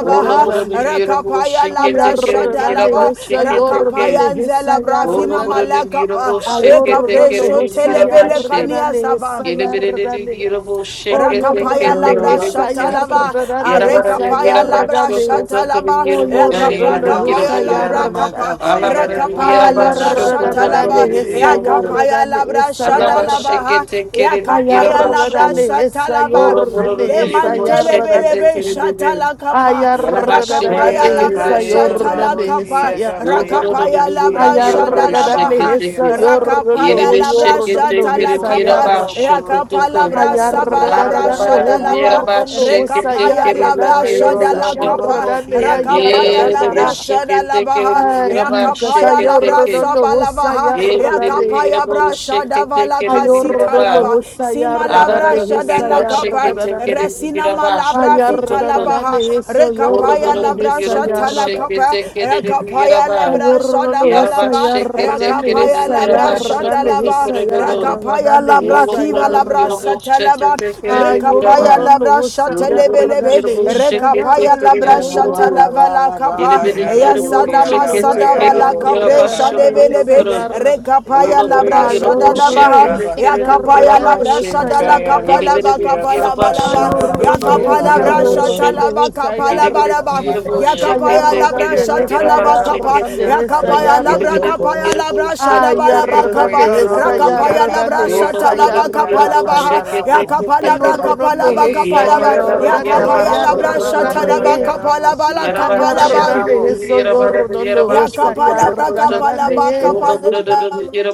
S5: Roll over the beautiful,
S2: rakapaya
S5: shake it, take it,
S2: labrasa
S5: and the
S2: talava
S5: about shake it, take it.
S2: rakapaya
S6: esa,
S2: nzela
S6: yar,
S5: Roll
S2: brafina
S5: over
S6: dale.
S5: the
S2: malakapa
S5: beautiful, shake it, take
S6: Ayordan
S5: it,
S2: ekapresho
S5: and the about
S2: telebele
S5: shake.
S6: hosayardan
S2: kania sava
S5: Get a bit of
S6: hesayardan
S5: the beautiful, shake
S6: O
S5: it, take
S2: rakapaya
S5: it,
S6: yordan
S4: No
S5: take it,
S2: labra
S5: and eat it.
S4: robo.
S2: shatalava
S6: hesayardan
S5: Get about the
S2: arekapaya
S5: about
S2: labra
S6: hesayardan
S5: sugar, go to the
S2: shatalava
S6: O
S5: beautiful, shake
S6: yordan
S5: it,
S4: Yera
S5: and the
S2: yakaprakapaya
S5: about.
S4: boshiera
S2: labra
S6: hesayardan
S2: kapa
S5: All about
S4: makapayera
S5: the
S2: rakapaya
S5: about
S2: labra
S4: boshiera
S5: sugar, go to
S6: Ayardan
S2: shatalava
S4: bakapayera
S5: the
S4: be.
S5: beautiful.
S2: yakapaya
S6: hesayardan
S2: labra
S5: All about
S2: shadalava
S6: hesayardan
S5: shake it, take it, and the
S2: yakapaya
S5: about
S2: labra
S6: Ayardan
S5: sugar.
S2: shatalava
S5: Boro
S6: hesayordan
S5: boro do tiro mo sheke
S6: hesayardan
S5: teke
S2: lemantelebelebe
S5: de de de.
S2: shatalakapa
S5: Yala ba sheke
S6: Ayardan
S2: rakapaya
S5: teke
S4: Yera
S5: de
S2: labra
S5: de de.
S4: kayera
S6: hesayordan
S2: shatalakapa
S4: boshia
S5: Yo
S6: hesayardan
S5: boro do
S4: kapayera
S5: de
S2: rakapaya
S5: de de
S2: labra
S5: de
S4: boshia
S5: de
S2: shatalava
S5: de bo
S4: kapayera
S6: Ayarradane
S5: sheke
S2: Kandalabaha,
S4: boshia
S5: teke.
S6: hesa
S4: kapa.
S6: yorno
S5: Yere
S2: Rakapaya
S6: ho
S5: be
S2: Labra
S5: sheke
S6: yorno
S5: teke de
S2: Shatala
S6: hesa
S5: de de
S6: yar
S2: Kapa,
S5: ba
S4: Yikoyoro
S5: shoko
S4: bolo
S2: Yakapa
S5: toko.
S2: Labra
S4: bokayera
S2: Sabalabra
S5: Ala
S4: boshiera
S6: ayarradane
S5: bara
S6: ho
S5: de de de
S2: Shadalava,
S4: bakapa.
S5: ba
S6: yorno ho
S5: sheke teke
S2: Rekapaya
S5: de de
S2: Labra
S6: sayarradane
S5: de de
S6: hesa
S4: Yikoyoro
S2: Shadala
S5: sheke.
S4: bolo
S2: Kapa,
S6: yarradane
S4: bokiera yera
S2: Rakapaya
S5: Ele be
S2: Labra
S6: ayarradana
S4: boshia.
S5: sheke teke de
S2: Shadalabaha,
S5: de ba
S6: agisa
S2: Yakapaya
S5: sheke
S2: Labra
S5: teke.
S6: sayorno ho
S2: Sabalavaha,
S5: Ele de
S6: sayarradane
S5: de de
S2: Yakapaya Bra
S5: sheke
S2: Shadavala
S5: teke de de
S2: Kasita
S5: ba.
S6: ayorno
S2: Lava,
S6: ho
S2: Sima
S5: Ara ra
S2: Labra
S6: sayarradane
S5: ra de
S6: hesa
S5: ba
S2: Shadala
S5: sheke
S2: Kapa,
S5: teke
S6: yarradane
S5: de de
S2: Resina
S5: ba
S2: Malabra
S5: shoko
S2: Fitala
S5: toko.
S6: ayarradane
S2: labaha
S6: hesa
S5: Ola
S2: rekapaya
S6: yorno
S5: bora bir
S2: labra
S5: yaraba
S2: shatala
S6: hesa
S5: şeke
S2: kapa
S5: tekerleri bir
S2: rekapaya
S6: Ayordan
S5: yaraba.
S2: labra shalava
S5: Yaraba
S2: lava
S5: şeke tekeri
S2: rekapaya
S5: bir
S2: labra
S5: yaraba şoka
S2: shatalaba
S5: tekeri bir
S2: rekapaya labra
S5: Ola
S2: kiva
S5: bora bir
S2: labra
S5: yaraba
S2: satalaba
S5: şeke tekerleri bir
S2: rekapaya
S5: yaraba.
S2: labra
S5: Ola bora bir
S2: shatelebelebe
S5: yaraba şeke
S2: rekapaya
S5: tekeri
S2: labra
S5: bir
S4: Yera
S5: yaraba.
S4: mala
S2: shatalava la
S4: bala
S2: kapa
S5: di
S7: Madam
S5: bir
S4: bakayera
S5: yaraba
S2: yasana
S4: boshia
S5: şeke
S2: masada
S4: kapayera
S5: tekeri
S2: vala
S5: bir
S4: boshia
S2: kapre
S5: yaraba
S4: kapa.
S5: şoka
S2: shadebelebe
S5: tekeri.
S2: rekapaya
S5: Ola bora
S2: labra
S5: bir
S4: Yikoyoro
S5: yaraba
S2: shadalaba
S4: boshia
S2: baha
S5: şeke
S4: kapa.
S2: ya
S5: tekeri bir
S2: kapaya la
S5: yaraba şey.
S2: brasha dala
S4: Ikaya
S5: Yeni
S2: kapala ba
S5: bir
S4: rabosia
S2: kapala
S5: yaraba
S2: balaba
S4: kapaya
S5: şoka
S2: ya
S7: Brown,
S4: rabosia
S5: tekeri
S7: we
S2: kapala
S5: bir
S7: got a
S4: raba.
S5: yaraba
S2: brasha
S5: şey.
S7: robot,
S2: talaba
S5: Yerabara
S2: kapala balaba
S7: Shamare,
S2: ya
S4: Ikoyo
S2: kapaya
S4: rabosia
S2: brasha
S6: Ayargande esa,
S4: kapaya
S2: talaba kapa ya
S4: rabosia
S6: ayargande esa,
S2: kapaya la
S4: kapaya
S6: ayar.
S2: bra
S7: Roboto,
S4: rabo.
S7: Coro,
S2: kapaya la brasha da balaba kapa
S4: Ikoyo
S6: Ayargande esa,
S4: rabosia
S2: rakapaya la
S6: ayargande
S2: brasha
S4: kapaya
S6: esa,
S2: talaba
S4: rabosia
S2: kapala
S6: ayargande.
S2: baha
S4: kapaya
S2: ya
S4: rabo.
S2: kapala
S7: Rapantaya,
S2: bra kapala
S7: Babia,
S2: ba
S6: Ayorgando esa,
S2: kapala ba
S4: Ikoyo
S2: ya
S6: ayargande,
S4: robo
S2: kapaya
S4: robo
S7: Roboto,
S4: raba
S2: brasha
S7: Coro,
S4: raba
S2: talaba
S4: kaya
S6: ayargande.
S7: Roboto,
S2: kapala bala
S4: rabosia
S2: kapala
S4: kapaya
S2: ba
S6: Ayargande
S4: rabo.
S6: eso, yorgando esa,
S2: Yakapala brakapala
S6: ayargande.
S7: Escape,
S2: bakapala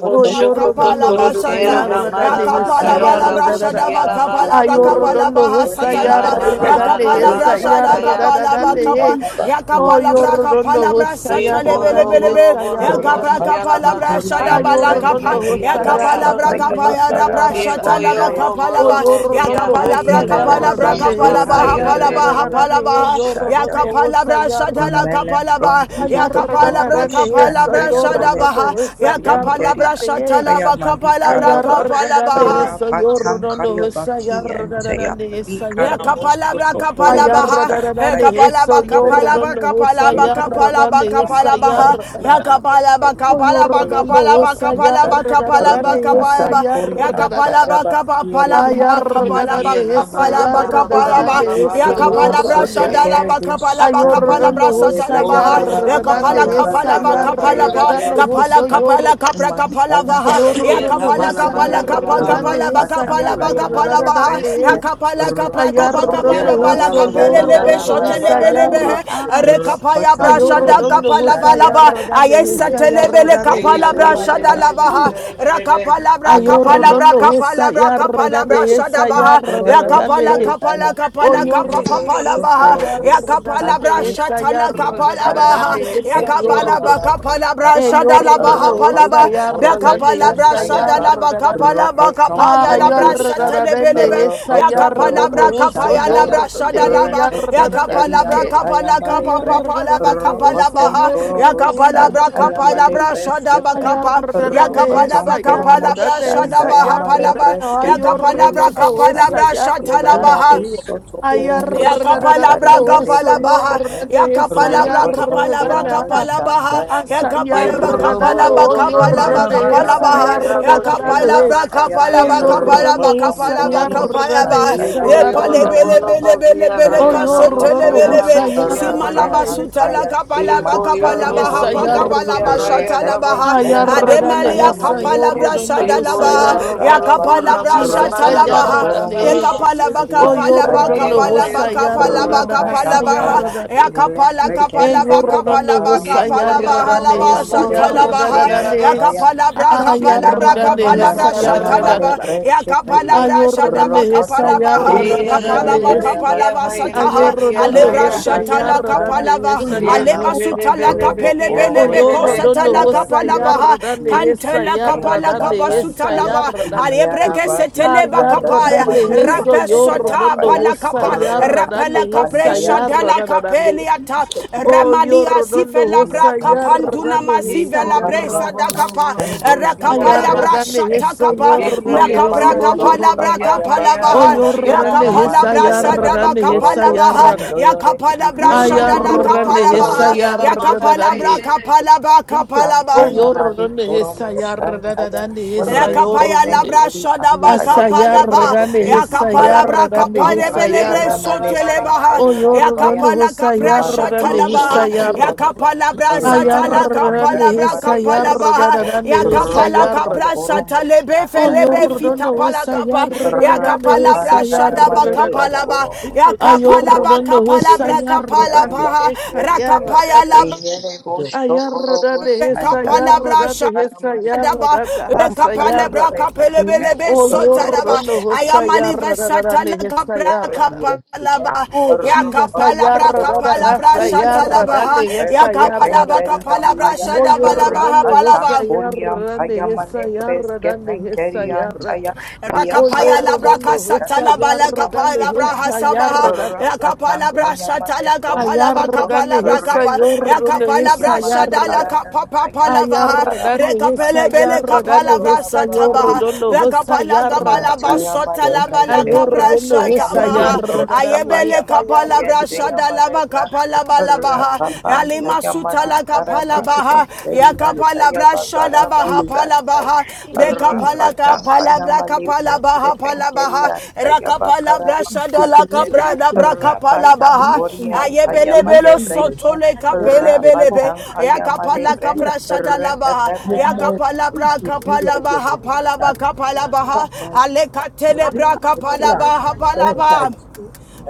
S7: Roboto, Fondo,
S2: Kapala
S6: Oyorgando esa,
S4: E
S2: basata, ya
S6: ayargande
S4: ramalaba
S6: esa,
S2: kapala
S7: Raya,
S4: kaya
S2: bala brasha da
S6: ayargande.
S4: rabosia
S2: ba
S7: Madam
S4: raba.
S7: Brown,
S2: kapala bra
S7: we got a
S2: kapala
S6: Ayorgando
S7: robot,
S6: esa,
S4: E
S2: bahasata la ba, ya
S7: Shamare,
S4: ramalaba
S6: ayargande
S2: kapala
S4: raba
S6: esa,
S4: raba
S2: brasha da
S7: Roboto,
S4: kaya.
S2: kapala ba
S6: ayargande.
S7: Shamare,
S2: kapa, ya
S6: Oh,
S2: kapala
S7: Babia,
S2: bra
S6: Yordono
S2: kapala
S4: Ye
S2: brasata le bele
S6: Husayargan,
S4: koro
S2: bele
S4: boro
S2: be, ya
S4: boro
S6: Hesayargan.
S4: boshi yala
S2: kapala
S7: Rapatan,
S4: bata
S7: Cori,
S2: brasha da
S6: Ah,
S4: paye
S2: ba la
S7: Antaya,
S4: rebele
S6: Yordono
S2: kapa,
S4: beki
S2: ya
S4: ya
S7: Malibras,
S4: paya.
S2: kapala
S6: Husayargan,
S7: Kapaya,
S2: kapaya da
S7: Bakara,
S4: Ye
S6: Hesayargan.
S2: brashata la ba
S4: koyo
S7: Mastandaya,
S4: robo
S2: kapala
S6: Oh,
S2: ba
S4: lobo
S2: ya
S4: ki ya
S6: Yordono
S2: kapala bra
S4: paye rabo
S7: Melem
S2: kapala bra
S4: si
S6: Husayargan,
S4: ya
S7: pronto
S4: ka
S7: yo
S2: kapala ba
S7: ro ro
S2: ha
S4: paye
S7: ro ro
S2: pala ba
S7: ro
S4: rebe.
S7: ro
S2: ha
S7: ro ro
S6: Hesayargan.
S2: pala
S7: ro bo
S6: Hey,
S2: ya
S7: shanda
S6: Yordono
S7: ya.
S2: kapala brashata la
S6: Husayargan.
S7: Melem
S2: kapala ba
S7: pronto yo
S2: ya kapala
S7: bokoro
S2: bra
S7: bo
S6: Ayargan,
S2: kapala
S6: Heso,
S7: shanda ya
S2: brashada ba
S7: male
S6: Yordono
S2: ha
S7: paiste
S2: ya kapala
S7: pengeri
S6: Husayargan.
S2: brashata
S6: Hey.
S2: la
S7: aya
S2: ba kapala
S7: malika
S2: bra
S7: raba
S2: kapala
S6: Ayargan,
S2: ba
S6: Heso,
S7: rapatanka
S6: Yordono
S7: ya baki ente ya
S6: Husayargan,
S7: malika
S2: La
S6: Hesayargan.
S7: ramos to
S2: kapalabra
S7: poro bo
S6: Ayarra
S2: kapalabaha.
S6: da da da
S7: shanda
S2: E
S6: Ayarradarande
S7: ya.
S6: hesa
S2: kapalaba kapalaba
S7: Repepe
S6: yordando hosa
S2: kapalaba
S7: aya
S6: yarradande
S2: kapalaba
S7: malika rama
S6: hesa
S2: kapalabaha.
S7: shanda
S2: Ya
S7: ya
S6: yarradarande.
S2: kapalaba
S6: O
S7: malika
S2: kapalaba
S7: aya
S6: yordando
S2: kapalaba
S6: hosa
S7: malabra
S2: kapalaba
S6: yarra da da da
S2: kapalaba
S6: ne. hesa
S2: kapalaba.
S7: rapatanko
S2: Ya
S7: ri
S6: yarradarada.
S7: ampaya
S2: kapalaba
S7: baki reba
S2: kapalaba kapalaba
S4: Ye
S6: Ayarradarande hesa
S4: ramala
S2: kapalaba
S4: bara bara
S2: kapalaba.
S6: yarradarande
S4: bara
S2: Ya
S6: hesa
S4: bara bara
S2: kapalabra
S6: yorra
S4: bara
S6: ne.
S4: kaye.
S2: shadalaba
S7: Kukurubush
S2: kapalaba
S7: and
S6: Ayorra da, ne
S2: kapalabra
S7: Dayamale
S6: hosa
S2: satalabaha.
S4: Ora
S7: Pentari
S2: Ya
S4: bara bara
S6: yarradande
S2: kapala
S7: Ampaya
S4: bara
S6: hesa
S4: bara
S7: Baki
S2: kapalaba
S4: ka
S7: and
S4: paye
S2: kapalaba
S7: Dayamala
S6: yarradando
S4: rebe.
S2: kapala
S6: hosa
S7: Prosta
S6: yorra
S2: kapala kapra
S7: Mantaya Male
S2: kapalavaha. Ya
S4: Ye
S6: Ayorrondo
S7: Breske
S2: kapala
S4: ramala
S6: esa
S7: Peke
S2: kapala
S4: bara
S2: kapa
S4: bara
S6: yarra
S4: bara.
S2: kapala
S6: dande
S2: ba
S6: esa
S7: Rapatan
S2: kapala ba
S7: Kaya
S6: yarra
S2: kapala
S7: Male
S6: dara
S2: baha Ya
S7: Breske
S6: dande
S2: kapala kapra kapa
S7: Rapatan
S2: kapa
S4: Ye
S6: ayorrondo
S2: bala
S7: Kuromosh
S6: oso
S4: rabala
S2: kapele
S7: and
S4: bara
S2: lebe
S4: bara
S6: yorrondo
S4: bara
S7: Dayamale
S2: shotele
S6: esa
S2: belebe
S4: bara.
S2: lebe
S7: Karava
S6: yarra ah
S2: Re kapaya ya
S7: Rapatan
S2: bra
S7: Kuromosh
S6: ayorrondo
S2: kapala ba
S7: and
S6: osa
S2: ba.
S7: Daya
S6: yarra dande
S2: Ayesa
S6: esa
S7: Yeke
S2: telebe
S6: yarra
S2: le
S6: dande
S2: kapala
S4: Ye
S6: esa
S2: bra
S4: rebe
S6: yarra
S2: shada
S4: rebe
S7: Ampaya
S2: la
S4: rebe rebe
S2: Ra
S4: rebe rebe.
S2: kapala bra kapala
S7: Ayamale
S2: bra
S6: ayorrondo
S7: presse
S2: kapala
S6: esa
S2: bra
S6: yarra
S2: kapala
S6: dande
S2: bra shada
S6: esa
S2: ba
S6: yarra
S7: Rukotonkoro
S2: Ya
S6: dara
S2: kapala
S6: dande
S7: Boshandaya
S2: kapala kapala
S7: Ere
S2: kapapa
S6: oyorrondo
S2: pala baha
S6: osa
S7: Boshokoro
S2: Ya
S6: yarra
S2: kapala
S6: dande
S2: bra
S7: Bosikandaya
S6: esa
S2: shata la
S6: yarra
S2: kapala
S6: dara
S2: baha
S7: Mantayamale
S6: dande
S2: Palaba,
S6: esa yorrondo
S2: Yakapalaba
S7: Endayamala
S2: kapalabra
S6: e
S7: Brotapa
S2: shadalaba
S6: yorrondo osa
S2: hapalaba
S7: Rokotonkoro
S6: yarra dande
S2: Bekapalabra
S6: esa
S7: Boshandayaba
S2: shadalaba
S6: yarra dande
S2: kapalaba
S6: Ah,
S7: Rokotonkoro
S2: kapayalabra
S7: Bosha
S6: yarradadadende,
S2: setelebelebe
S6: esa
S7: Rokotokoro
S6: yarradondo
S2: Yakapalabra
S6: oso,
S7: Boshandaya
S2: kapayalabra
S6: yorrodende,
S2: shadalaba
S7: repetenteri
S2: Yakapalabra
S6: yarradadadende.
S7: antaya
S2: kapala
S6: Ah,
S7: male
S2: kapa
S7: Bre
S2: papalaba
S6: yarradadadando
S2: kapalaba
S6: oso,
S2: ha.
S7: Rokotonkoro
S6: yorrodende,
S2: Yakapalabra
S7: Bosantayamale
S6: yarradadende.
S2: kapalabra shadaba
S6: Ah,
S7: Breskepe
S2: kapa
S6: yarradadande,
S8: Thank
S7: Rokoton
S2: Yakapalabra
S6: esa
S2: kapalabra
S6: yarradadende, esa
S2: shadaba
S7: Koromoshandaya Male
S6: yarradadende.
S2: hapalaba
S6: Ah,
S7: Breske Penkeri
S2: Yakapalabra
S6: yorrodondo
S7: Antaya
S6: osa,
S2: kapalabra shatalaba
S6: yarradadende.
S2: ha
S7: Iarabo Soto
S6: Ah,
S2: Ya
S6: yarradadadando
S2: Yakapalabra
S7: Koromoshandaya Male
S6: oso,
S2: kapalabaha,
S7: Breskepe
S6: yorrodende, esa
S2: yakapalabra
S7: Rokoton
S2: kapalabra kapalabra
S6: yarradadende.
S2: kapalabaha,
S7: Koromoshandaya Male
S2: yakapalaba
S4: Ekoyo
S7: Keri
S6: Asayarradando,
S4: robolo
S2: kapalaba
S7: Antaya
S4: bo rabo
S2: kapalaba kapalaba
S6: oyorrande,
S2: kapalabaha,
S7: Mantayamale
S6: esayarradande.
S2: yakapalabra
S7: Priyambaya
S2: kapalaba
S7: Ropo
S2: kapalaba
S6: Oyorrando,
S2: kapalaba
S7: Sonkorobo
S6: usayarrande,
S2: kapalaba,
S7: Shantayamala
S2: lepalebele
S6: esayarradande.
S7: Braskapa
S2: bele bele bele
S7: Ropo
S2: kasetele
S6: Oyorrando,
S2: bele
S7: Popo
S2: be,
S6: usayarrande,
S2: simalaba sutala
S7: Rapatankaya
S2: kapalaba
S6: esayarradande,
S2: kapalabaha
S7: Mantayamali
S2: pa
S7: Pre
S2: kapalaba
S6: esayarradande.
S2: shatalabaha,
S7: Repetenkeri
S6: Ayarradande,
S2: ademali Ya
S7: Antayamale
S2: kapalabra
S7: Keri
S6: esayorrando,
S2: shadalabaha,
S7: Antayaba
S6: usayarradande.
S7: Karaba
S6: Ah,
S2: yakapalabra
S6: Jesus,
S7: Ropo
S2: shatalabaha,
S7: Sonkoromo
S6: ayarradande.
S2: ekapala
S7: Shekeri
S2: bakapala
S7: Antayaba
S6: Oyorrando,
S2: bakapala
S7: Baba
S2: bakapala
S6: usayarradande,
S2: bakapala baha
S7: Rapatankaya
S6: asayarradande.
S7: Ile
S2: yakapala kapala
S7: Prekenteyaba
S2: bakapala
S6: Eyornando
S7: Karama
S2: bakapala baha la ba
S6: hosayarradane,
S7: Tantaya male
S2: shatala baha
S7: brenkeriam
S4: sialaba.
S6: sayarradadane,
S7: paya
S2: yakapala bra kapala bra
S4: Ramala
S6: ayarradane,
S2: kapala
S4: bara
S2: bra
S4: bara
S7: mantaya
S4: bara
S2: shatala
S7: male
S4: bara.
S2: ba
S6: sayarradadada.
S7: breske
S2: yakapala
S7: peke
S2: bra shada
S6: Ayornande,
S7: ropoton
S2: bakapala baha
S7: kuromo
S2: kapala
S6: sayarradadane,
S7: shandaya
S2: bakapala
S4: Yerebebebekia
S2: ba
S7: bakirima
S2: sataha
S4: payerebekia
S6: ayornando
S2: alebra
S4: paya.
S2: shatala
S7: rapatankaya
S2: kapala
S6: hosayarradane,
S2: ba
S6: saya.
S2: aleba
S7: malampa
S2: sutala
S7: toyobo
S2: kapele
S4: Yerebelebekia
S2: bele
S7: kurobo
S2: beko
S4: payerebe.
S6: Oyornando
S2: satala
S7: shandaya
S2: kapala
S7: bakia
S2: baha
S6: hosayarradane,
S2: kantela
S7: yekentaya
S2: kapala
S7: mala
S6: sayarradane,
S2: kabasuta
S7: brantaya
S2: katalaba
S6: sayarradada.
S2: alebreke seteleba
S7: yarabasikandaya
S2: kapaya
S7: male
S6: Ayarradane,
S7: brenkeriam
S2: rapesota
S6: soyornando
S7: paya
S2: pala kapa rapela
S6: hosayarradane,
S7: rapapapandaya
S2: kapresha dela
S6: sayarradadane.
S2: kapeliata
S6: Oh, you're done the
S2: sifela bra
S6: hosa, you're
S2: kapanduna
S6: done the hisa,
S2: masivela
S4: Niko
S6: you're
S2: bresa
S4: yorobo
S2: da
S6: done
S7: Makaramus
S4: robo
S2: kapa
S4: robo
S7: Pandolo
S6: the
S7: Mole
S2: rakapaya
S4: shialaba.
S6: you're done
S2: brasha
S7: Brescia
S6: the
S2: shata
S6: hisa,
S2: kapa
S6: you're
S7: Penkeriam
S6: done
S4: Niko
S6: the hisa,
S2: nakapra
S7: Payamale
S4: yorobo robo
S2: kapala
S7: Brosta
S8: you.
S2: bra
S6: you're
S4: kia
S2: kapala
S6: done. Oh,
S2: baha
S4: payerabo
S7: Payabakaramba
S6: you're done the
S4: shialaba.
S2: yakapala
S6: hisa,
S2: bra
S6: you're
S7: Mantayamali
S2: sadaba
S6: done the hisa,
S2: kapala
S7: Korobos
S2: baha
S6: you're done.
S7: Sondoyo
S2: yakapala bra
S6: Ah, you're
S4: Orobo
S2: shadala
S7: Redividio
S4: robo
S6: done the
S2: kapala
S4: robo
S6: hisa,
S2: baha
S4: shialama
S6: you're
S4: ka
S2: yakapala
S6: done
S2: bra
S6: the.
S4: payerebe.
S2: kapala kapala
S6: Oh,
S2: ba
S7: Shankaya
S6: you're
S7: Mali
S6: done the hisa,
S7: Koromo
S6: you're
S7: Shantaya
S6: done the hisa, you're
S2: Rakapaya
S6: done the.
S2: labra
S7: Repetenkeli
S2: shada
S7: Antaya
S6: Asa, you're
S7: Male
S2: bakapalaba.
S6: done the
S7: Breske
S6: hisa, you're
S2: Yakapalabra
S6: done the
S7: Rapapam
S6: hisa,
S2: kaparebelebre
S7: Pantaya
S6: you're done.
S7: Male
S2: sotelebaha.
S6: Oh,
S7: Brenkeli
S4: Yeramalabalaba.
S6: you're done the
S7: Ampaya
S2: Yakapala
S6: hosa,
S2: kapra
S6: you're done the
S7: Malabrosko
S2: shatalabaha.
S6: hisa, you're done.
S7: Prokonto
S2: Yakapalabra satala
S6: Ayarrani
S7: Rabadandaya
S2: kapalabra
S6: hissa
S7: Male Breske
S2: kapalabaha.
S6: yarrani hissa
S2: Yakapala
S7: Ropotom
S6: yarrani.
S2: kapra
S7: Koromo
S2: satalebe
S6: Oh,
S7: Shantaya
S2: felebe
S7: Male
S6: yorrani
S2: fitapala
S6: hussa
S7: Breske
S2: kapa.
S6: yarrani
S2: Yakapalabra
S6: hissa
S7: Rapapantaya
S2: shada
S7: Male
S8: Thank
S6: yarrani.
S2: bakapalaba.
S7: Bronkoro
S2: Yakapalaba
S7: Prokonto
S6: Ayorrani hussa
S2: kapalabra
S6: yarrani
S2: kapalabaha.
S6: hissa
S7: Andayabasyendeya,
S2: Rakapaya
S6: yarrani.
S2: labra.
S7: Iyereboshokorobos,
S6: Ayarrani hissa
S2: Rekapalabra
S7: Andayamani
S6: yarrani
S2: sha-
S6: hissa
S7: Karamas,
S2: Adaba,
S6: yarrani hassa
S2: Rekapalabra
S6: yarrani.
S7: Andayamalebrene,
S2: kapelebelebe
S6: Oh,
S2: sotalaba.
S6: yorrani
S2: I
S6: hussa
S2: am alive,
S6: yarrani
S2: satala
S6: hissa
S7: Yamane
S2: kapra
S6: yarrani.
S7: Breskepeke,
S2: kapalaba.
S6: Oh,
S2: Ya
S6: Jesus,
S2: kapalabra
S6: ayarrani
S7: Rokotonkoroko
S6: hassa
S7: Shanda Yamane
S6: yarrani
S2: shatalaba.
S6: hissa
S2: Yakapalaba
S6: yarrani.
S7: Breskepengeri
S2: kapalabra
S7: Yampaya,
S2: shadabalaba
S6: Oyorondo
S2: habalaba.
S7: Rapatankuri
S6: hessayar,
S7: Yampaya Mane
S6: danhehessayar,
S7: Breskepengeri
S6: danhehessayar.
S7: Yantaya,
S2: Rakapaya
S6: Oyorondo
S2: labraka
S7: Yakaramasika
S6: hessayar,
S2: satalabala kapaya
S7: Yamane
S2: labraha
S7: Brenke,
S6: danhehessayar,
S2: sabaha. Yakapala
S7: Rapatanka
S2: brasha
S7: Yamane
S2: talaga
S6: ayar,
S2: palaba
S7: Bronkorogo,
S2: kapala brakapa.
S6: danhehessayorondo
S7: Repepepente
S2: Yakapala
S7: Yamali
S2: brasha
S6: hessayar,
S2: dala
S7: Karadanta
S2: kapapa
S7: Yamali
S6: danayar,
S2: palavaha. Rekapele
S7: Karabosanda
S2: bele
S6: danhehessayar,
S2: kapala brasa
S7: Yababa
S2: tabaha.
S6: danhehessayorondo
S2: Yakapala
S6: hessayar,
S2: gabala basota
S7: Mantayamale brain
S2: labala
S8: you.
S7: perian,
S6: danayorondo
S2: kaprasha
S8: Thank
S7: Tayamale
S6: hessayar,
S2: tamaha.
S7: bros,
S2: Ayebele
S7: Kapayama
S6: danhehessayar.
S2: kapala
S7: kien,
S2: brasha dala
S7: Tayamale bra,
S2: bakapala balabaha.
S7: Rapapan,
S2: Yalima
S7: Tayamale
S2: sutala kapala
S7: karamas,
S2: Palabaha,
S7: perian,
S8: you.
S2: Yakapalabra,
S7: Tayaba karabas,
S2: Shadabaha,
S7: Santai,
S2: Palabaha,
S6: Ay,
S2: Bekapalaka,
S7: Rapatan,
S2: Palabra,
S7: Kayamale preske,
S2: Kapalabaha, Palabaha,
S7: perian, Tayaba
S2: Rakapala brasha
S7: karamas,
S2: Shadala, Capra, Dabra,
S7: Rapatan,
S2: Kapalabaha,
S7: Korean,
S2: Ayebelebelo,
S7: Tayamale brain,
S2: Sotole, Capelebelebe,
S7: Rapatan, Kayamale
S2: Yakapala,
S7: bre,
S2: Capra, Shadalabaha,
S7: Repepepe,
S2: Yakapalabra, Kapalabaha, Palaba, Kapalabaha, Aleka, Telebra, Kapalabaha, Palaba,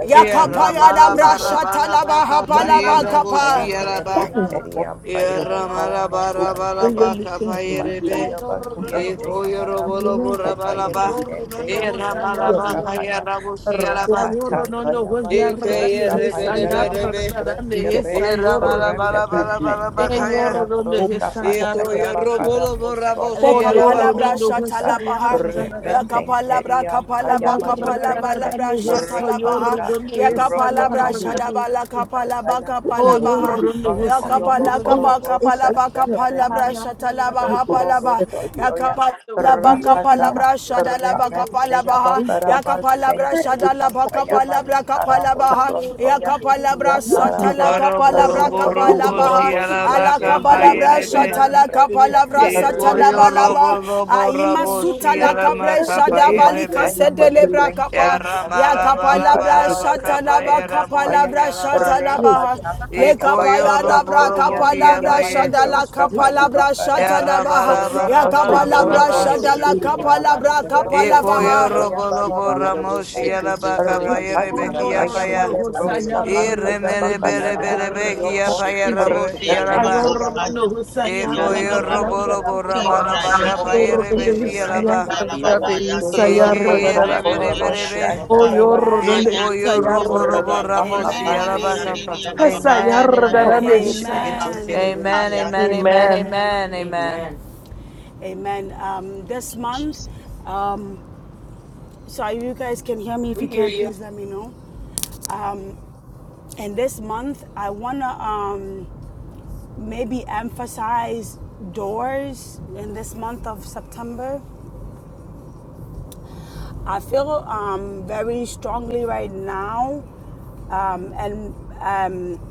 S7: Ayamale Konkorobo
S2: Brasha,
S4: Yeramalabalaba
S2: Talaba,
S4: ka
S2: Hapalaba,
S4: payerabo
S2: Kapal.
S7: Mantaya male
S4: shialaba.
S7: brankeri ampaya bakara
S4: Yaramala bara bara
S7: masantaya.
S4: baka payerebe.
S7: Mantaya bakiende
S4: Eko
S7: yamala
S4: yorobolo bora
S7: broska paya
S4: balaba.
S7: bekende yamala
S4: Yaramala
S7: broska
S4: baka
S7: paya.
S4: yarabusi yalaba.
S6: Ayorro no
S7: Rapatanka
S6: no vos
S7: yamali
S6: yarra
S4: Eke
S6: dame
S7: broska
S4: yerebe
S6: esa
S7: painda
S4: rebe
S6: yarra
S7: yamali
S4: rebe.
S6: dana
S7: breskepe.
S6: esa yorro
S4: Yaramala
S6: donde
S4: bara
S7: Repepem
S4: bara bara
S7: pende
S6: eh
S4: baka ya.
S6: yorro
S7: yamala
S6: donde
S7: broska
S6: esa
S4: Eko
S6: yarra
S7: pantaya
S6: dana
S7: bakara
S4: yorobolo bora
S7: boston
S2: Le
S4: bosi
S6: oh
S7: tolobo
S4: yalaba.
S6: yorro
S2: kapalabra
S6: donde vos
S7: korobosa.
S2: shatalabaha.
S6: yarra dana
S2: La
S6: dame
S2: kapalabra
S7: Repetenkeri ampaya
S2: kapalaba
S6: ayarra
S7: male
S2: kapalaba
S6: dana
S7: branke.
S2: labra
S6: eso yorro
S2: shatalabaha.
S7: Rapata.
S6: donde
S2: Ya
S6: esa
S2: kapalabra
S6: yarra
S7: Ropoton
S6: dame
S2: shadaba la kapalaba
S7: Shaya,
S6: oh yorro
S2: kapalabaha.
S7: Melem
S6: donde
S7: on
S2: Ya
S6: vos yarra
S7: Oyobo
S2: kapala
S6: dana
S2: kapa
S7: Korobo
S2: kapalaba
S7: Shandaya
S2: kapalabra
S7: Rediri
S6: ayarra
S2: shatalabaha
S6: dana
S7: Korobo
S6: esa
S2: palaba. Ya
S7: Sontoya
S6: yarra
S2: kapala La baka
S7: Rapata
S2: palabra shada la
S8: Thank
S2: baka
S7: Repente
S2: palabaha ya
S7: Yabakaraba
S2: kapalabra shada la
S7: Shenkeriam
S6: dana
S2: baka
S7: Payamali
S2: palabra
S7: Karabo
S6: Oh,
S2: kapalabaha ya
S7: Sontoya
S2: kapalabra sata
S4: Eko
S2: la
S7: Yakaraba
S4: yorobolo
S2: kapalabra
S4: bora
S7: Ropoton
S4: bosi
S2: kapalabaha
S7: Korobo
S4: yalaba
S2: ala
S4: kapa
S7: Shenkerian
S2: kapalabra
S4: yerebe.
S2: shata
S7: Payamali
S2: la
S7: Preske
S2: kapalabra sata
S4: Eko
S2: la
S7: Rapata,
S2: balaba
S4: yorobolo bora
S2: aima
S4: bosi
S2: sutala la
S4: yalama
S2: Preshadavali
S4: kapa
S7: Mantaya male
S2: kasedelebra kapa
S7: brengeri
S4: Yara
S2: ya
S7: antaya
S4: malaba laba
S2: kapalabra
S7: bakaraba
S4: laba kapa
S2: shatalaba
S7: sengeri
S4: yara
S7: ampaya
S4: bosi
S2: kapalabra
S4: yara ba
S2: shatalaba le
S7: rapatankaya
S4: iko
S2: kapaya
S4: yoro
S7: bakatan
S2: dabra
S4: boro bosi
S7: kuriantaya
S2: kapalabra
S4: yaba
S7: male
S4: ye
S2: shadala
S7: broska paya
S2: kapalabra
S8: you.
S7: bakaraba
S4: yara
S2: shatalaba
S4: balaba
S2: ya
S4: laba laba
S7: rapatankoro
S2: kapalabra
S4: laba
S2: shadala
S7: bosandaya
S2: kapalabra
S4: iko
S2: kapalabaha.
S4: yoro
S7: Sandoya
S4: boro
S7: Baba Baba
S4: boro mosi
S7: Baba
S4: yara ba kapa yere beki
S6: Lord,
S7: Rapatanka
S4: yapa ya
S6: Rolando,
S7: male
S6: who's a
S7: Broska
S6: yard,
S4: ire
S7: Pankaya
S6: and
S4: mere
S6: he's
S7: Bakara
S4: bere
S6: a
S4: bere beki
S7: Dantioko
S4: yapa
S6: yard.
S4: yara bosi
S6: Amen.
S4: yara
S7: Repente
S4: ba
S7: Yamali Broska
S4: iko
S7: Pankaya
S4: yoro boro
S7: Bakara
S4: boro
S7: Bushu
S4: malaba
S7: Antoyo
S4: kapa
S7: Bokoro
S4: yere besi
S7: Bushin
S4: yara ba
S7: Keriantaya
S4: ike
S7: Rapaton
S4: yere
S2: Amen.
S4: bere bere
S7: Korobosh
S4: be
S7: and Dayabakian
S2: Amen.
S7: Rapapapantaya
S4: Ikoyoroboroboramoshiyarabakapa.
S2: Amen.
S4: Amen, amen.
S7: Male
S8: Amen.
S7: Yantaya
S4: Amen,
S2: Amen.
S4: amen, amen,
S2: Amen.
S4: amen, amen.
S5: Amen.
S2: Amen. Um, this month, um, So you guys can hear me. If
S5: We
S2: you
S5: hear
S2: can,
S5: you.
S2: please let me know. And this month, I wanna um, maybe emphasize doors in this month of September. I feel um, very strongly right now, um, and um,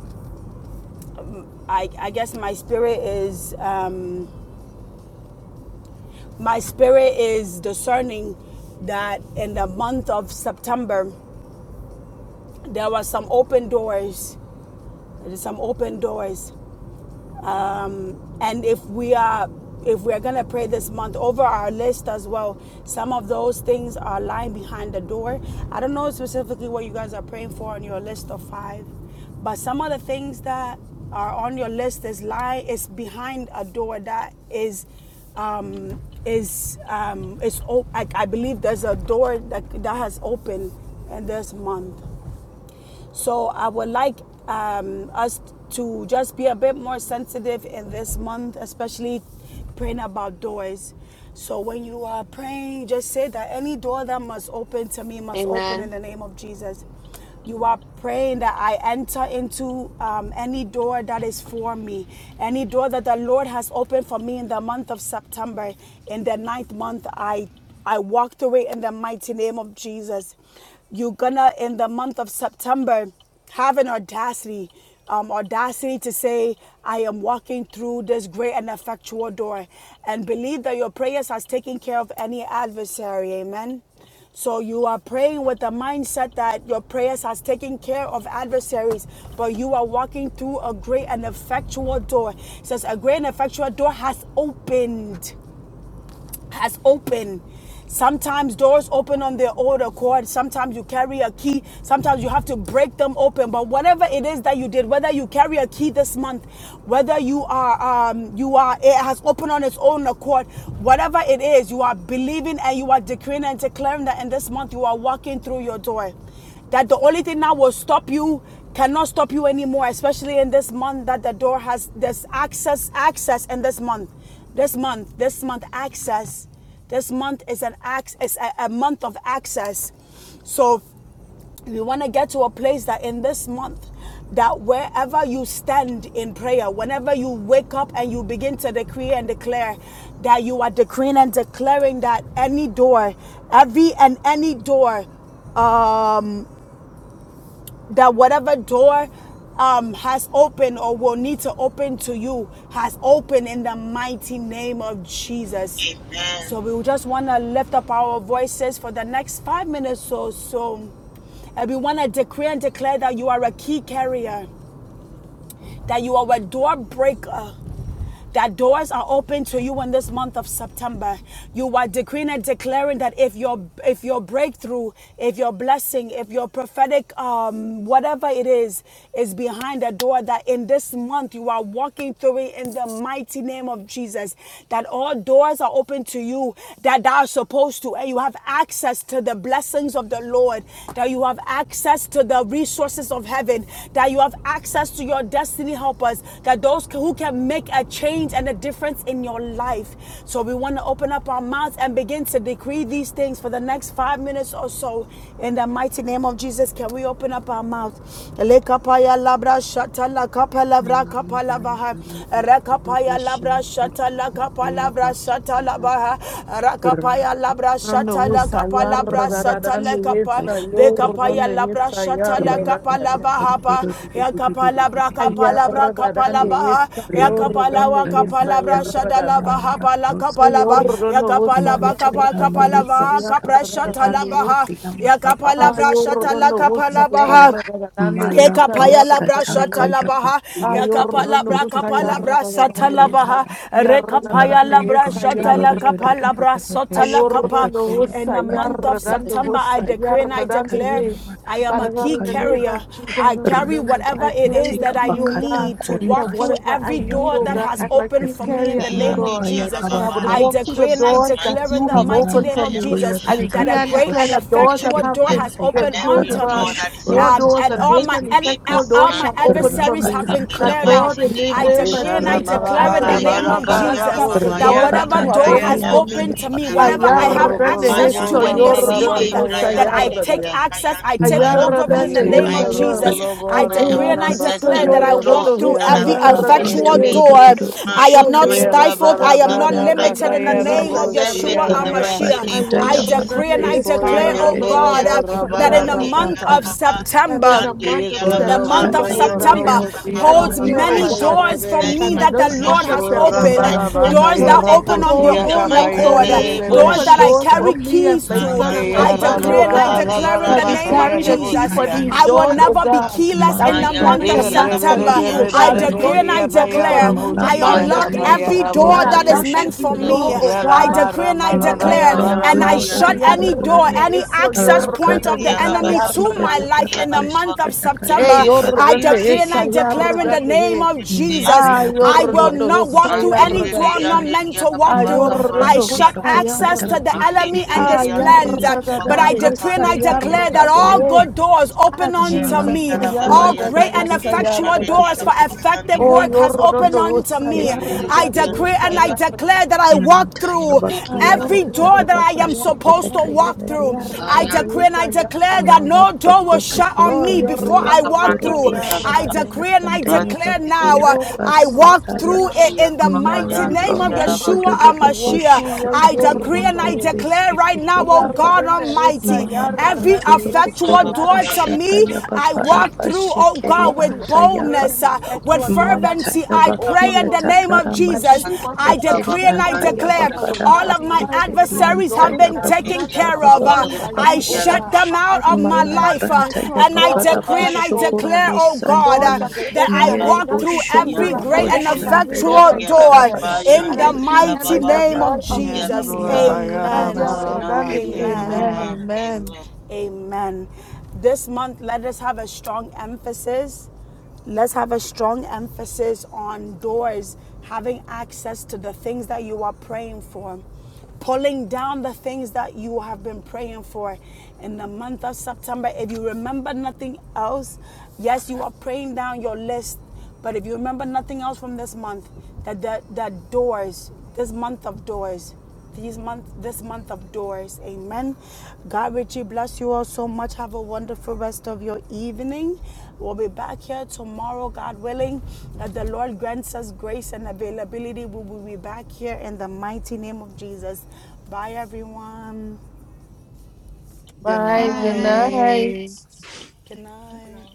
S2: I, I guess my spirit is um, my spirit is discerning that in the month of September there were some open doors. There's some open doors um, and if we are if we're going to pray this month over our list as well some of those things are lying behind the door i don't know specifically what you guys are praying for on your list of five but some of the things that are on your list is lying is behind a door that is um is um is op- I, I believe there's a door that that has opened in this month so I would like um, us to just be a bit more sensitive in this month, especially praying about doors. So when you are praying, just say that any door that must open to me must open in the name of Jesus. You are praying that I enter into um, any door that is for me, any door that the Lord has opened for me in the month of September. In the ninth month, I I walked away in the mighty name of Jesus. You're gonna, in the month of September, have an audacity, um, audacity to say, I am walking through this great and effectual door, and believe that your prayers has taken care of any adversary. Amen. So you are praying with the mindset that your prayers has taken care of adversaries, but you are walking through a great and effectual door. It says a great and effectual door has opened has opened. Sometimes doors open on their own accord. Sometimes you carry a key. Sometimes you have to break them open. But whatever it is that you did, whether you carry a key this month, whether you are, um, you are, it has opened on its own accord. Whatever it is, you are believing and you are decreeing and declaring that in this month you are walking through your door that the only thing that will stop you cannot stop you anymore especially in this month that the door has there's access access in this month this month, this month access, this month is an access, is a, a month of access. So we want to get to a place that in this month, that wherever you stand in prayer, whenever you wake up and you begin to decree and declare, that you are decreeing and declaring that any door, every and any door um, that whatever door um, has opened or will need to open to you has opened in the mighty name of Jesus.
S9: Amen.
S2: So we just want to lift up our voices for the next five minutes or so. And we want to decree and declare that you are a key carrier, that you are a door breaker, that doors are open to you in this month of September. You are decreeing and declaring that if your if your breakthrough, if your blessing, if your prophetic um whatever it is is behind the door, that in this month you are walking through it in the mighty name of Jesus. That all doors are open to you that thou are supposed to, and you have access to the blessings of the Lord. That you have have access to the resources of heaven, that you have access to your destiny helpers, that those who can make a change and a difference in your life. So we want to open up our mouths and begin to decree these things for the next five minutes or so. In the mighty name of Jesus, can we open up our mouth? Lekapaya labra shata lakapa labra kapa
S7: Mambo
S2: lavaha.
S7: yangu ya
S2: Rekapaya labra
S7: uburudishimbere
S2: shata Rakapa
S7: ya
S2: labra shata labaha. Rakapaya labra shata la kapa labra shata la
S7: Malabroska
S2: kapa. Rekapaya labra shata la kapa labaha pa. Yakapa labra kapa labra kapa labaha. Yakapa lawa kapa labra shada labaha pa la kapa laba. Yakapa laba kapa kapa labaha kapra shata labaha. Yakapa labra shata
S6: Ayordan
S2: la kapa
S6: husa
S2: labaha.
S6: yarragadan de yesta
S2: Ekapaya labra
S6: yarragadan
S2: shata
S7: tanka
S6: de
S7: ya
S2: labaha.
S7: bakia
S2: Ekapa
S6: ayordan
S2: labra
S7: ibosutu
S6: husa
S2: kapa
S7: koro
S2: labra
S6: yarragadan
S2: sata
S6: de yesta
S7: shonto
S2: labaha.
S6: yarragadan
S2: Rekapaya
S6: de
S7: Malam
S2: labra
S7: pronto
S2: shata la
S7: yoro do
S6: yesta
S2: kapa
S7: do do do
S2: labra
S7: do do do
S2: sota la
S7: shikata
S6: Ayorando
S7: kaya
S2: In
S6: hosa,
S2: the
S7: bakara
S2: month of
S7: da da
S6: yarradando
S7: da
S2: September, I
S6: hosa,
S7: da
S2: decree and I
S7: shikata
S6: yarradando
S7: kata
S2: declare
S6: he.
S7: nama
S2: I am a
S6: Father
S7: shikata
S6: God,
S2: key
S6: in the
S7: kaya
S6: name
S7: baka
S2: carrier.
S6: of Jesus,
S2: I carry
S6: let me-
S7: repete
S2: whatever
S6: I
S2: it
S7: kente
S6: carry
S2: is
S6: the
S7: ya
S2: that I
S6: key, oh
S7: bakata
S6: God,
S2: need to
S7: ngori
S2: walk
S6: that
S2: through
S7: basha
S6: whatever I
S2: every
S7: kaya
S6: need,
S2: door
S6: oh
S2: that
S6: God,
S2: has
S7: bebe
S6: and my
S2: opened
S6: queen
S2: for
S7: bebe
S2: me in the
S6: carrier,
S7: kemi
S6: hold
S2: name of
S6: on,
S7: ampaya
S2: Jesus.
S6: that
S7: baba
S6: I would
S7: baba
S2: I
S9: In
S6: walk through the
S2: decree and I
S7: baba
S9: Jesus'
S6: doors that
S2: declare in
S9: mighty
S6: you
S2: the
S6: have
S9: name,
S2: mighty
S7: malam
S6: opened
S9: I
S2: name
S6: for
S2: of
S7: pronto
S6: me.
S9: am a
S2: Jesus
S7: yoro
S6: I
S9: key
S7: do do
S2: that
S6: decree
S2: a
S7: do do
S6: and
S9: career.
S2: great
S7: do
S9: I
S6: declare
S2: and
S6: that doors
S7: shikata
S9: declare and
S6: that
S2: effectual
S6: have
S2: door
S9: declare
S6: been
S2: has
S7: kaya
S9: that
S2: opened
S6: been closed,
S9: every
S7: bakara
S6: oh
S2: unto
S6: God,
S9: door
S2: me.
S9: that is
S7: bishukuro
S6: more
S9: supposed
S2: Um,
S9: to
S6: doors
S2: and
S6: and
S2: all all
S6: great
S7: basanta
S9: open
S2: my
S9: to
S6: and
S9: me
S2: ad-
S6: effectual
S9: this
S2: all
S6: doors
S9: month
S2: my
S6: shall open
S9: be
S6: for
S2: adversaries
S6: me.
S2: have
S9: open
S2: been
S9: in
S7: Rapatanka
S9: the
S6: That
S2: cleared out.
S6: Lord,
S9: mighty
S6: in the
S9: name
S7: Yamarika
S2: I
S9: of
S6: name of
S2: decree and
S7: Sapia
S2: I
S6: Jesus,
S9: Jesus.
S6: my
S2: declare in
S7: Petente
S2: the name
S6: adversaries
S2: of
S7: Yapaka
S6: cannot
S2: Jesus
S6: stop
S9: Baba,
S6: the
S2: that
S6: doors that
S2: whatever
S6: you
S7: Rapatan
S6: have
S2: door
S4: Ikaramalabarabarabaraboshiyamakaya.
S2: has
S6: opened
S7: Korean
S6: for me.
S2: opened to me,
S7: Payapaki
S2: whatever
S7: and
S2: I have
S7: Tia
S6: Ayardan de
S2: access
S9: Bayan
S2: to
S6: Hesa
S2: in
S9: diri
S2: this
S6: Yordan de
S2: month,
S9: lili,
S7: Soya
S6: Hesa
S9: Brian
S2: that I
S9: diri
S6: Yardan.
S2: take
S4: Ikoroboloboramalabakayaraboshiya.
S9: lili,
S2: access,
S9: Kayan
S2: I take
S9: diri ala
S7: Malam
S2: hold of
S9: baba.
S2: it
S6: Ayardan
S2: in
S6: de
S7: Panta
S2: the name
S9: I
S2: of
S6: Hesa Yar.
S7: Yamarika
S2: Jesus.
S9: decree and
S6: I
S2: I
S9: declare
S6: take
S2: decree
S9: and
S2: and I
S6: access
S9: possess
S6: to
S2: declare that
S9: every
S2: I
S6: your dan
S9: door
S2: walk
S6: de
S2: through
S9: that
S6: Hesa
S9: has
S2: every
S9: been
S7: Malam
S9: opened
S6: Yardan de
S9: to
S7: Panto
S2: effectual
S4: Ikoyoroboloboramalabakayaraboshiyarabakabayerebe.
S6: he,
S9: me
S2: door.
S9: this
S7: Yododo
S2: I
S9: month
S2: am
S9: in
S6: Oh,
S9: the
S2: not
S9: mighty
S7: Shikataka
S6: Yordan
S9: name
S2: stifled.
S9: of
S6: de
S2: I
S7: Yamari
S6: Hesa
S2: am
S9: Jesus.
S2: not
S9: I
S6: Yardan
S2: limited
S9: po-
S7: Pankari
S2: in the
S6: de
S2: name
S7: antaya
S2: of
S6: Hesa
S9: possess
S2: Yeshua
S9: it in
S6: Yardan.
S9: the
S4: Erabalabarababayarabosiyakaya.
S9: mighty
S2: Hamashiach.
S9: name of
S2: I
S7: Rabadantaya
S9: Jesus.
S6: Ayardan
S2: decree and
S6: de
S2: I
S7: manifest your
S6: Hesa
S9: Ka
S2: declare, oh
S9: yande
S6: dan
S9: di
S6: de
S2: God, uh,
S6: Hesa
S9: alababa,
S7: penkeria,
S2: that in the
S9: yande
S7: Mala
S6: Yardan
S9: di
S2: month
S4: Ikoyoroboloborabalabakapa.
S2: of
S7: Prakara
S9: alababa,
S6: that in
S2: September,
S6: the
S9: yande
S6: month
S9: di
S4: Yes,
S6: of
S4: Lord.
S2: the
S4: Kaya
S9: alababa,
S2: month
S9: ka
S6: September,
S2: of
S7: Rakata
S6: oh
S9: yande
S6: God,
S9: di
S2: September
S7: Kuriam Paya
S6: and
S9: alababo.
S2: holds
S7: Mari
S6: declare, oh
S9: I
S2: many
S9: shall
S6: God,
S2: doors for
S9: possess
S2: me
S6: that
S9: my
S6: in
S7: Presbyterian
S2: that the
S6: this
S7: Paya
S2: Lord
S6: month
S9: possession
S6: of
S2: has
S9: in this
S2: opened.
S6: September,
S9: ninth
S7: Malam
S6: hope
S9: month of
S7: Pronto
S2: Doors that
S6: um,
S7: Yoga
S9: September
S2: open on their
S6: Hold,
S9: in the
S2: own
S6: hold
S7: Pushkaya
S9: mighty
S6: so
S2: accord.
S9: name
S6: many
S9: of
S7: Bhakti
S2: Doors that
S6: open
S2: I
S9: Jesus.
S6: doors
S7: Vasta
S6: for
S2: carry
S6: me and
S2: keys
S6: my
S2: to.
S6: son
S7: Malam
S6: and my
S2: I
S9: Kayandiria
S7: Pronto
S9: la
S6: family,
S2: decree
S6: oh
S2: and
S7: Yoga
S2: I
S9: papa
S6: God.
S9: de
S7: Guru
S2: declare in the
S6: That we
S2: name of
S6: carry
S9: Brayandiria
S6: the
S7: Pushkaya
S9: de
S6: key
S2: Jesus,
S6: for these
S7: Paya
S2: I will
S9: Kayandiria
S6: doors,
S7: Bhaka
S9: la
S6: oh
S2: never be
S9: papa
S6: God.
S2: keyless
S6: That
S2: in
S7: Malam
S6: we
S2: the month
S6: carry
S7: Pronto
S2: of
S6: the
S9: Mayandiria la
S7: Yoga
S6: master
S9: Baba,
S7: Guru
S2: September.
S4: raba
S6: key, oh
S2: I
S6: God. We
S9: yandiria de
S2: decree
S6: don't
S2: and
S7: Pushkaya
S6: need
S2: I
S6: several, but
S2: declare,
S6: we need the
S7: Malam
S2: I
S6: master
S2: unlock
S7: Pronto
S6: key.
S7: Yoga
S9: Kayandiria
S2: every
S9: la
S7: Bhakti
S2: door
S9: papa
S6: I
S7: Ara
S2: that is
S6: unlock
S2: meant
S6: every
S2: for
S9: yandiria la
S2: me.
S6: door,
S9: papa
S6: oh
S2: I
S7: Pushkaya
S6: God,
S2: decree and I
S6: in the
S2: declare,
S6: name of
S7: Malambranto
S2: and I
S6: Jesus.
S9: yandiria
S7: yora da
S9: la
S2: shut
S7: da da
S2: any
S7: da
S2: any
S9: papa
S7: da
S2: door,
S6: Ayar,
S7: da.
S6: ne,
S2: any
S9: yandiria
S6: eso,
S2: access
S7: Allah
S6: yor, no,
S2: point
S6: no,
S7: kara
S2: of
S7: da
S9: Mayandiria
S2: the
S7: da
S9: la
S6: esa,
S2: enemy
S9: Baba,
S2: to
S7: basika
S6: yar.
S2: my
S7: ta
S2: life
S7: kara
S9: Kayandiria
S2: in
S9: la
S2: the
S9: papa
S2: month
S7: bashika
S2: of
S7: ta kaya
S6: Hey,
S7: ba
S2: September,
S9: Yandiria
S7: kara
S2: I
S6: yorrande
S2: decree and
S9: yandiria
S7: bushoko
S6: esa
S2: I
S9: la
S2: declare
S9: papa
S2: in
S7: basa.
S2: the
S6: yarrande
S2: name
S6: he.
S2: of
S9: Yandiria
S2: Jesus,
S7: Manta
S9: la
S6: Ah,
S7: ya ba
S2: I will
S9: papa
S7: kiya da
S6: yorrando
S2: not
S6: esa
S2: walk through any
S7: bashokoro
S2: door
S9: Yandiria
S6: yarrande.
S2: I'm not
S7: bashai.
S2: meant
S9: yandiria
S2: to
S6: Ah,
S2: walk
S9: la
S2: through. I
S6: yorrando
S7: Malambranto
S2: shut
S7: ya
S9: papa
S6: esa
S7: ba
S2: access
S7: kata
S2: to
S6: yarrande.
S2: the
S7: kai
S2: enemy and
S7: pikeri
S6: Ah,
S2: his
S7: anta
S2: plans.
S7: ya ba
S2: But I
S7: kara
S6: yarrande
S2: decree and
S6: esa
S2: I
S7: basikiri
S2: declare that
S7: anta
S6: yarrande
S2: all
S7: ya
S6: he.
S2: good doors
S6: Ah,
S2: open unto
S6: Jesus,
S2: me.
S6: ah,
S7: Malambranto
S2: All
S7: yora da
S6: yarrande
S2: great
S7: da
S2: and
S7: da
S6: esa
S2: effectual
S7: bashika ta
S2: doors
S6: yarrande.
S2: for
S7: kari anta
S2: effective
S7: ya
S6: Oh,
S2: work
S7: ba
S2: has opened
S6: yorrando
S7: kiplaska
S2: unto
S6: esa
S2: me.
S7: pikeri
S2: I
S6: yarrande
S2: decree decree
S6: esa
S2: and I
S6: yarrande.
S2: declare that I walk
S7: Imantaya
S2: through
S6: Ah,
S7: bakia da
S2: every
S7: da da
S6: yorrando
S2: door
S7: da
S2: that
S7: da
S6: esa
S2: I am
S7: pashika da
S2: supposed to
S6: yarrande
S7: kaya
S2: walk
S6: esa
S2: through. I
S6: yarrande
S7: meriyantaya.
S2: decree and
S6: esa
S2: I declare that
S6: yarrande.
S7: Mala
S2: no door will
S7: prakoto
S2: shut
S9: Thank
S2: on
S6: Oh,
S2: me
S7: kodan
S2: before
S7: toyo
S2: I
S6: yorrando
S2: walk
S7: pukuro
S6: esa
S2: through. I
S7: poshaka da
S2: decree and I
S7: kantaya
S2: declare
S6: Don't
S2: now,
S7: bakia
S2: uh,
S7: da
S6: go,
S2: I
S6: don't go, don't
S2: walk
S6: say it,
S7: pasataya.
S2: through it in
S6: don't
S2: the mighty
S7: Melan
S6: say it.
S2: name of
S7: pronto yo
S5: Rabashakete
S2: Yeshua
S7: do do
S6: Don't let
S7: do
S6: one
S7: poshika
S2: HaMashiach.
S7: da
S2: I
S6: day
S7: kaya
S2: decree
S6: go
S2: and
S6: to
S7: male
S2: I
S6: waste.
S2: declare
S7: preske
S2: right
S6: I
S2: now,
S7: peke
S2: oh
S7: yaba.
S2: God
S6: want
S2: Almighty,
S7: Malam
S2: every
S5: kerere,
S7: pronto yo
S2: effectual
S7: pukuro
S2: door to
S7: poshaka
S2: me,
S7: yaba
S2: I
S7: kara
S2: walk through, oh God oh
S7: pashikeri
S2: God, with
S6: to every great
S7: antaya
S5: rabashakete
S2: boldness,
S6: and
S2: uh,
S5: kerere,
S2: with
S6: effectual door that has
S2: fervency.
S7: Mantaya
S6: been
S2: I
S9: you.
S2: pray
S6: opened
S7: bakia
S2: in
S6: for
S2: the
S6: me.
S2: name of
S7: takara
S6: That this
S2: Jesus.
S9: Ikan
S7: mashika
S6: month
S2: I
S6: of
S9: laba
S7: takeri
S2: decree and I
S6: September,
S9: ikan
S6: oh
S7: antaya
S2: declare
S6: God, I will
S7: bakara
S9: laba
S6: not
S2: all of
S6: be
S2: my
S6: held
S7: basekeri
S6: behind
S2: adversaries have
S6: doors
S7: antaya
S2: been
S6: that
S9: ikan
S6: are
S7: baba
S2: taken
S6: not
S9: dia
S2: care
S7: baba
S2: of.
S9: laba
S2: Uh,
S7: baba
S6: opened
S9: ya
S6: by
S7: baba
S2: I
S6: you,
S9: dia
S6: oh
S7: baba
S2: shut
S6: God.
S2: them
S9: laba
S2: out
S6: Every
S2: of my
S6: great
S7: manam
S6: and
S2: life.
S9: pada
S2: uh,
S7: prantaya
S6: effectual
S2: and I
S6: door,
S7: bakara
S6: oh
S9: laba
S2: decree
S6: God,
S2: and
S6: is
S2: I
S9: yang dia
S7: boshokoro
S6: open.
S2: declare, oh
S6: The
S2: God,
S6: doors
S2: uh,
S7: bosantaya
S6: that were
S2: that
S6: open
S2: I
S6: that
S9: laba
S6: are
S7: yere
S2: walk
S6: not
S2: through
S6: effectual
S9: yang
S2: every
S7: boshokoro
S6: are not
S2: great and
S6: opened by
S9: dia
S6: you,
S7: boshandaya
S6: Lord.
S2: effectual
S6: I shut
S7: bakara
S2: door
S6: them.
S9: laba yang
S2: in
S6: And
S9: dia
S2: the
S6: I
S7: bashikeri
S6: seal them
S2: mighty
S6: in
S9: laba
S7: antaya
S6: the
S2: name
S9: yang
S2: of
S6: blood of
S7: bakia
S9: dia
S2: Jesus.
S7: antaya
S6: Jesus.
S9: laba
S2: Amen.
S9: kah
S7: bakara
S9: yang
S4: laba.
S6: Ayarabandi.
S9: dia
S2: Amen.
S6: Amen.
S9: laba.
S4: Amen.
S6: Amen.
S9: Amen.
S2: Amen. This month, let us have a strong emphasis. Let's have a strong emphasis on doors, having access to the things that you are praying for, pulling down the things that you have been praying for in the month of September. If you remember nothing else, yes, you are praying down your list, but if you remember nothing else from this month, that the, that doors, this month of doors, these month this month of doors amen god richly bless you all so much have a wonderful rest of your evening we'll be back here tomorrow god willing that the lord grants us grace and availability we will be back here in the mighty name of jesus bye everyone
S4: Good
S6: Bye. Good
S9: Bye.
S4: night.
S6: night.
S2: good night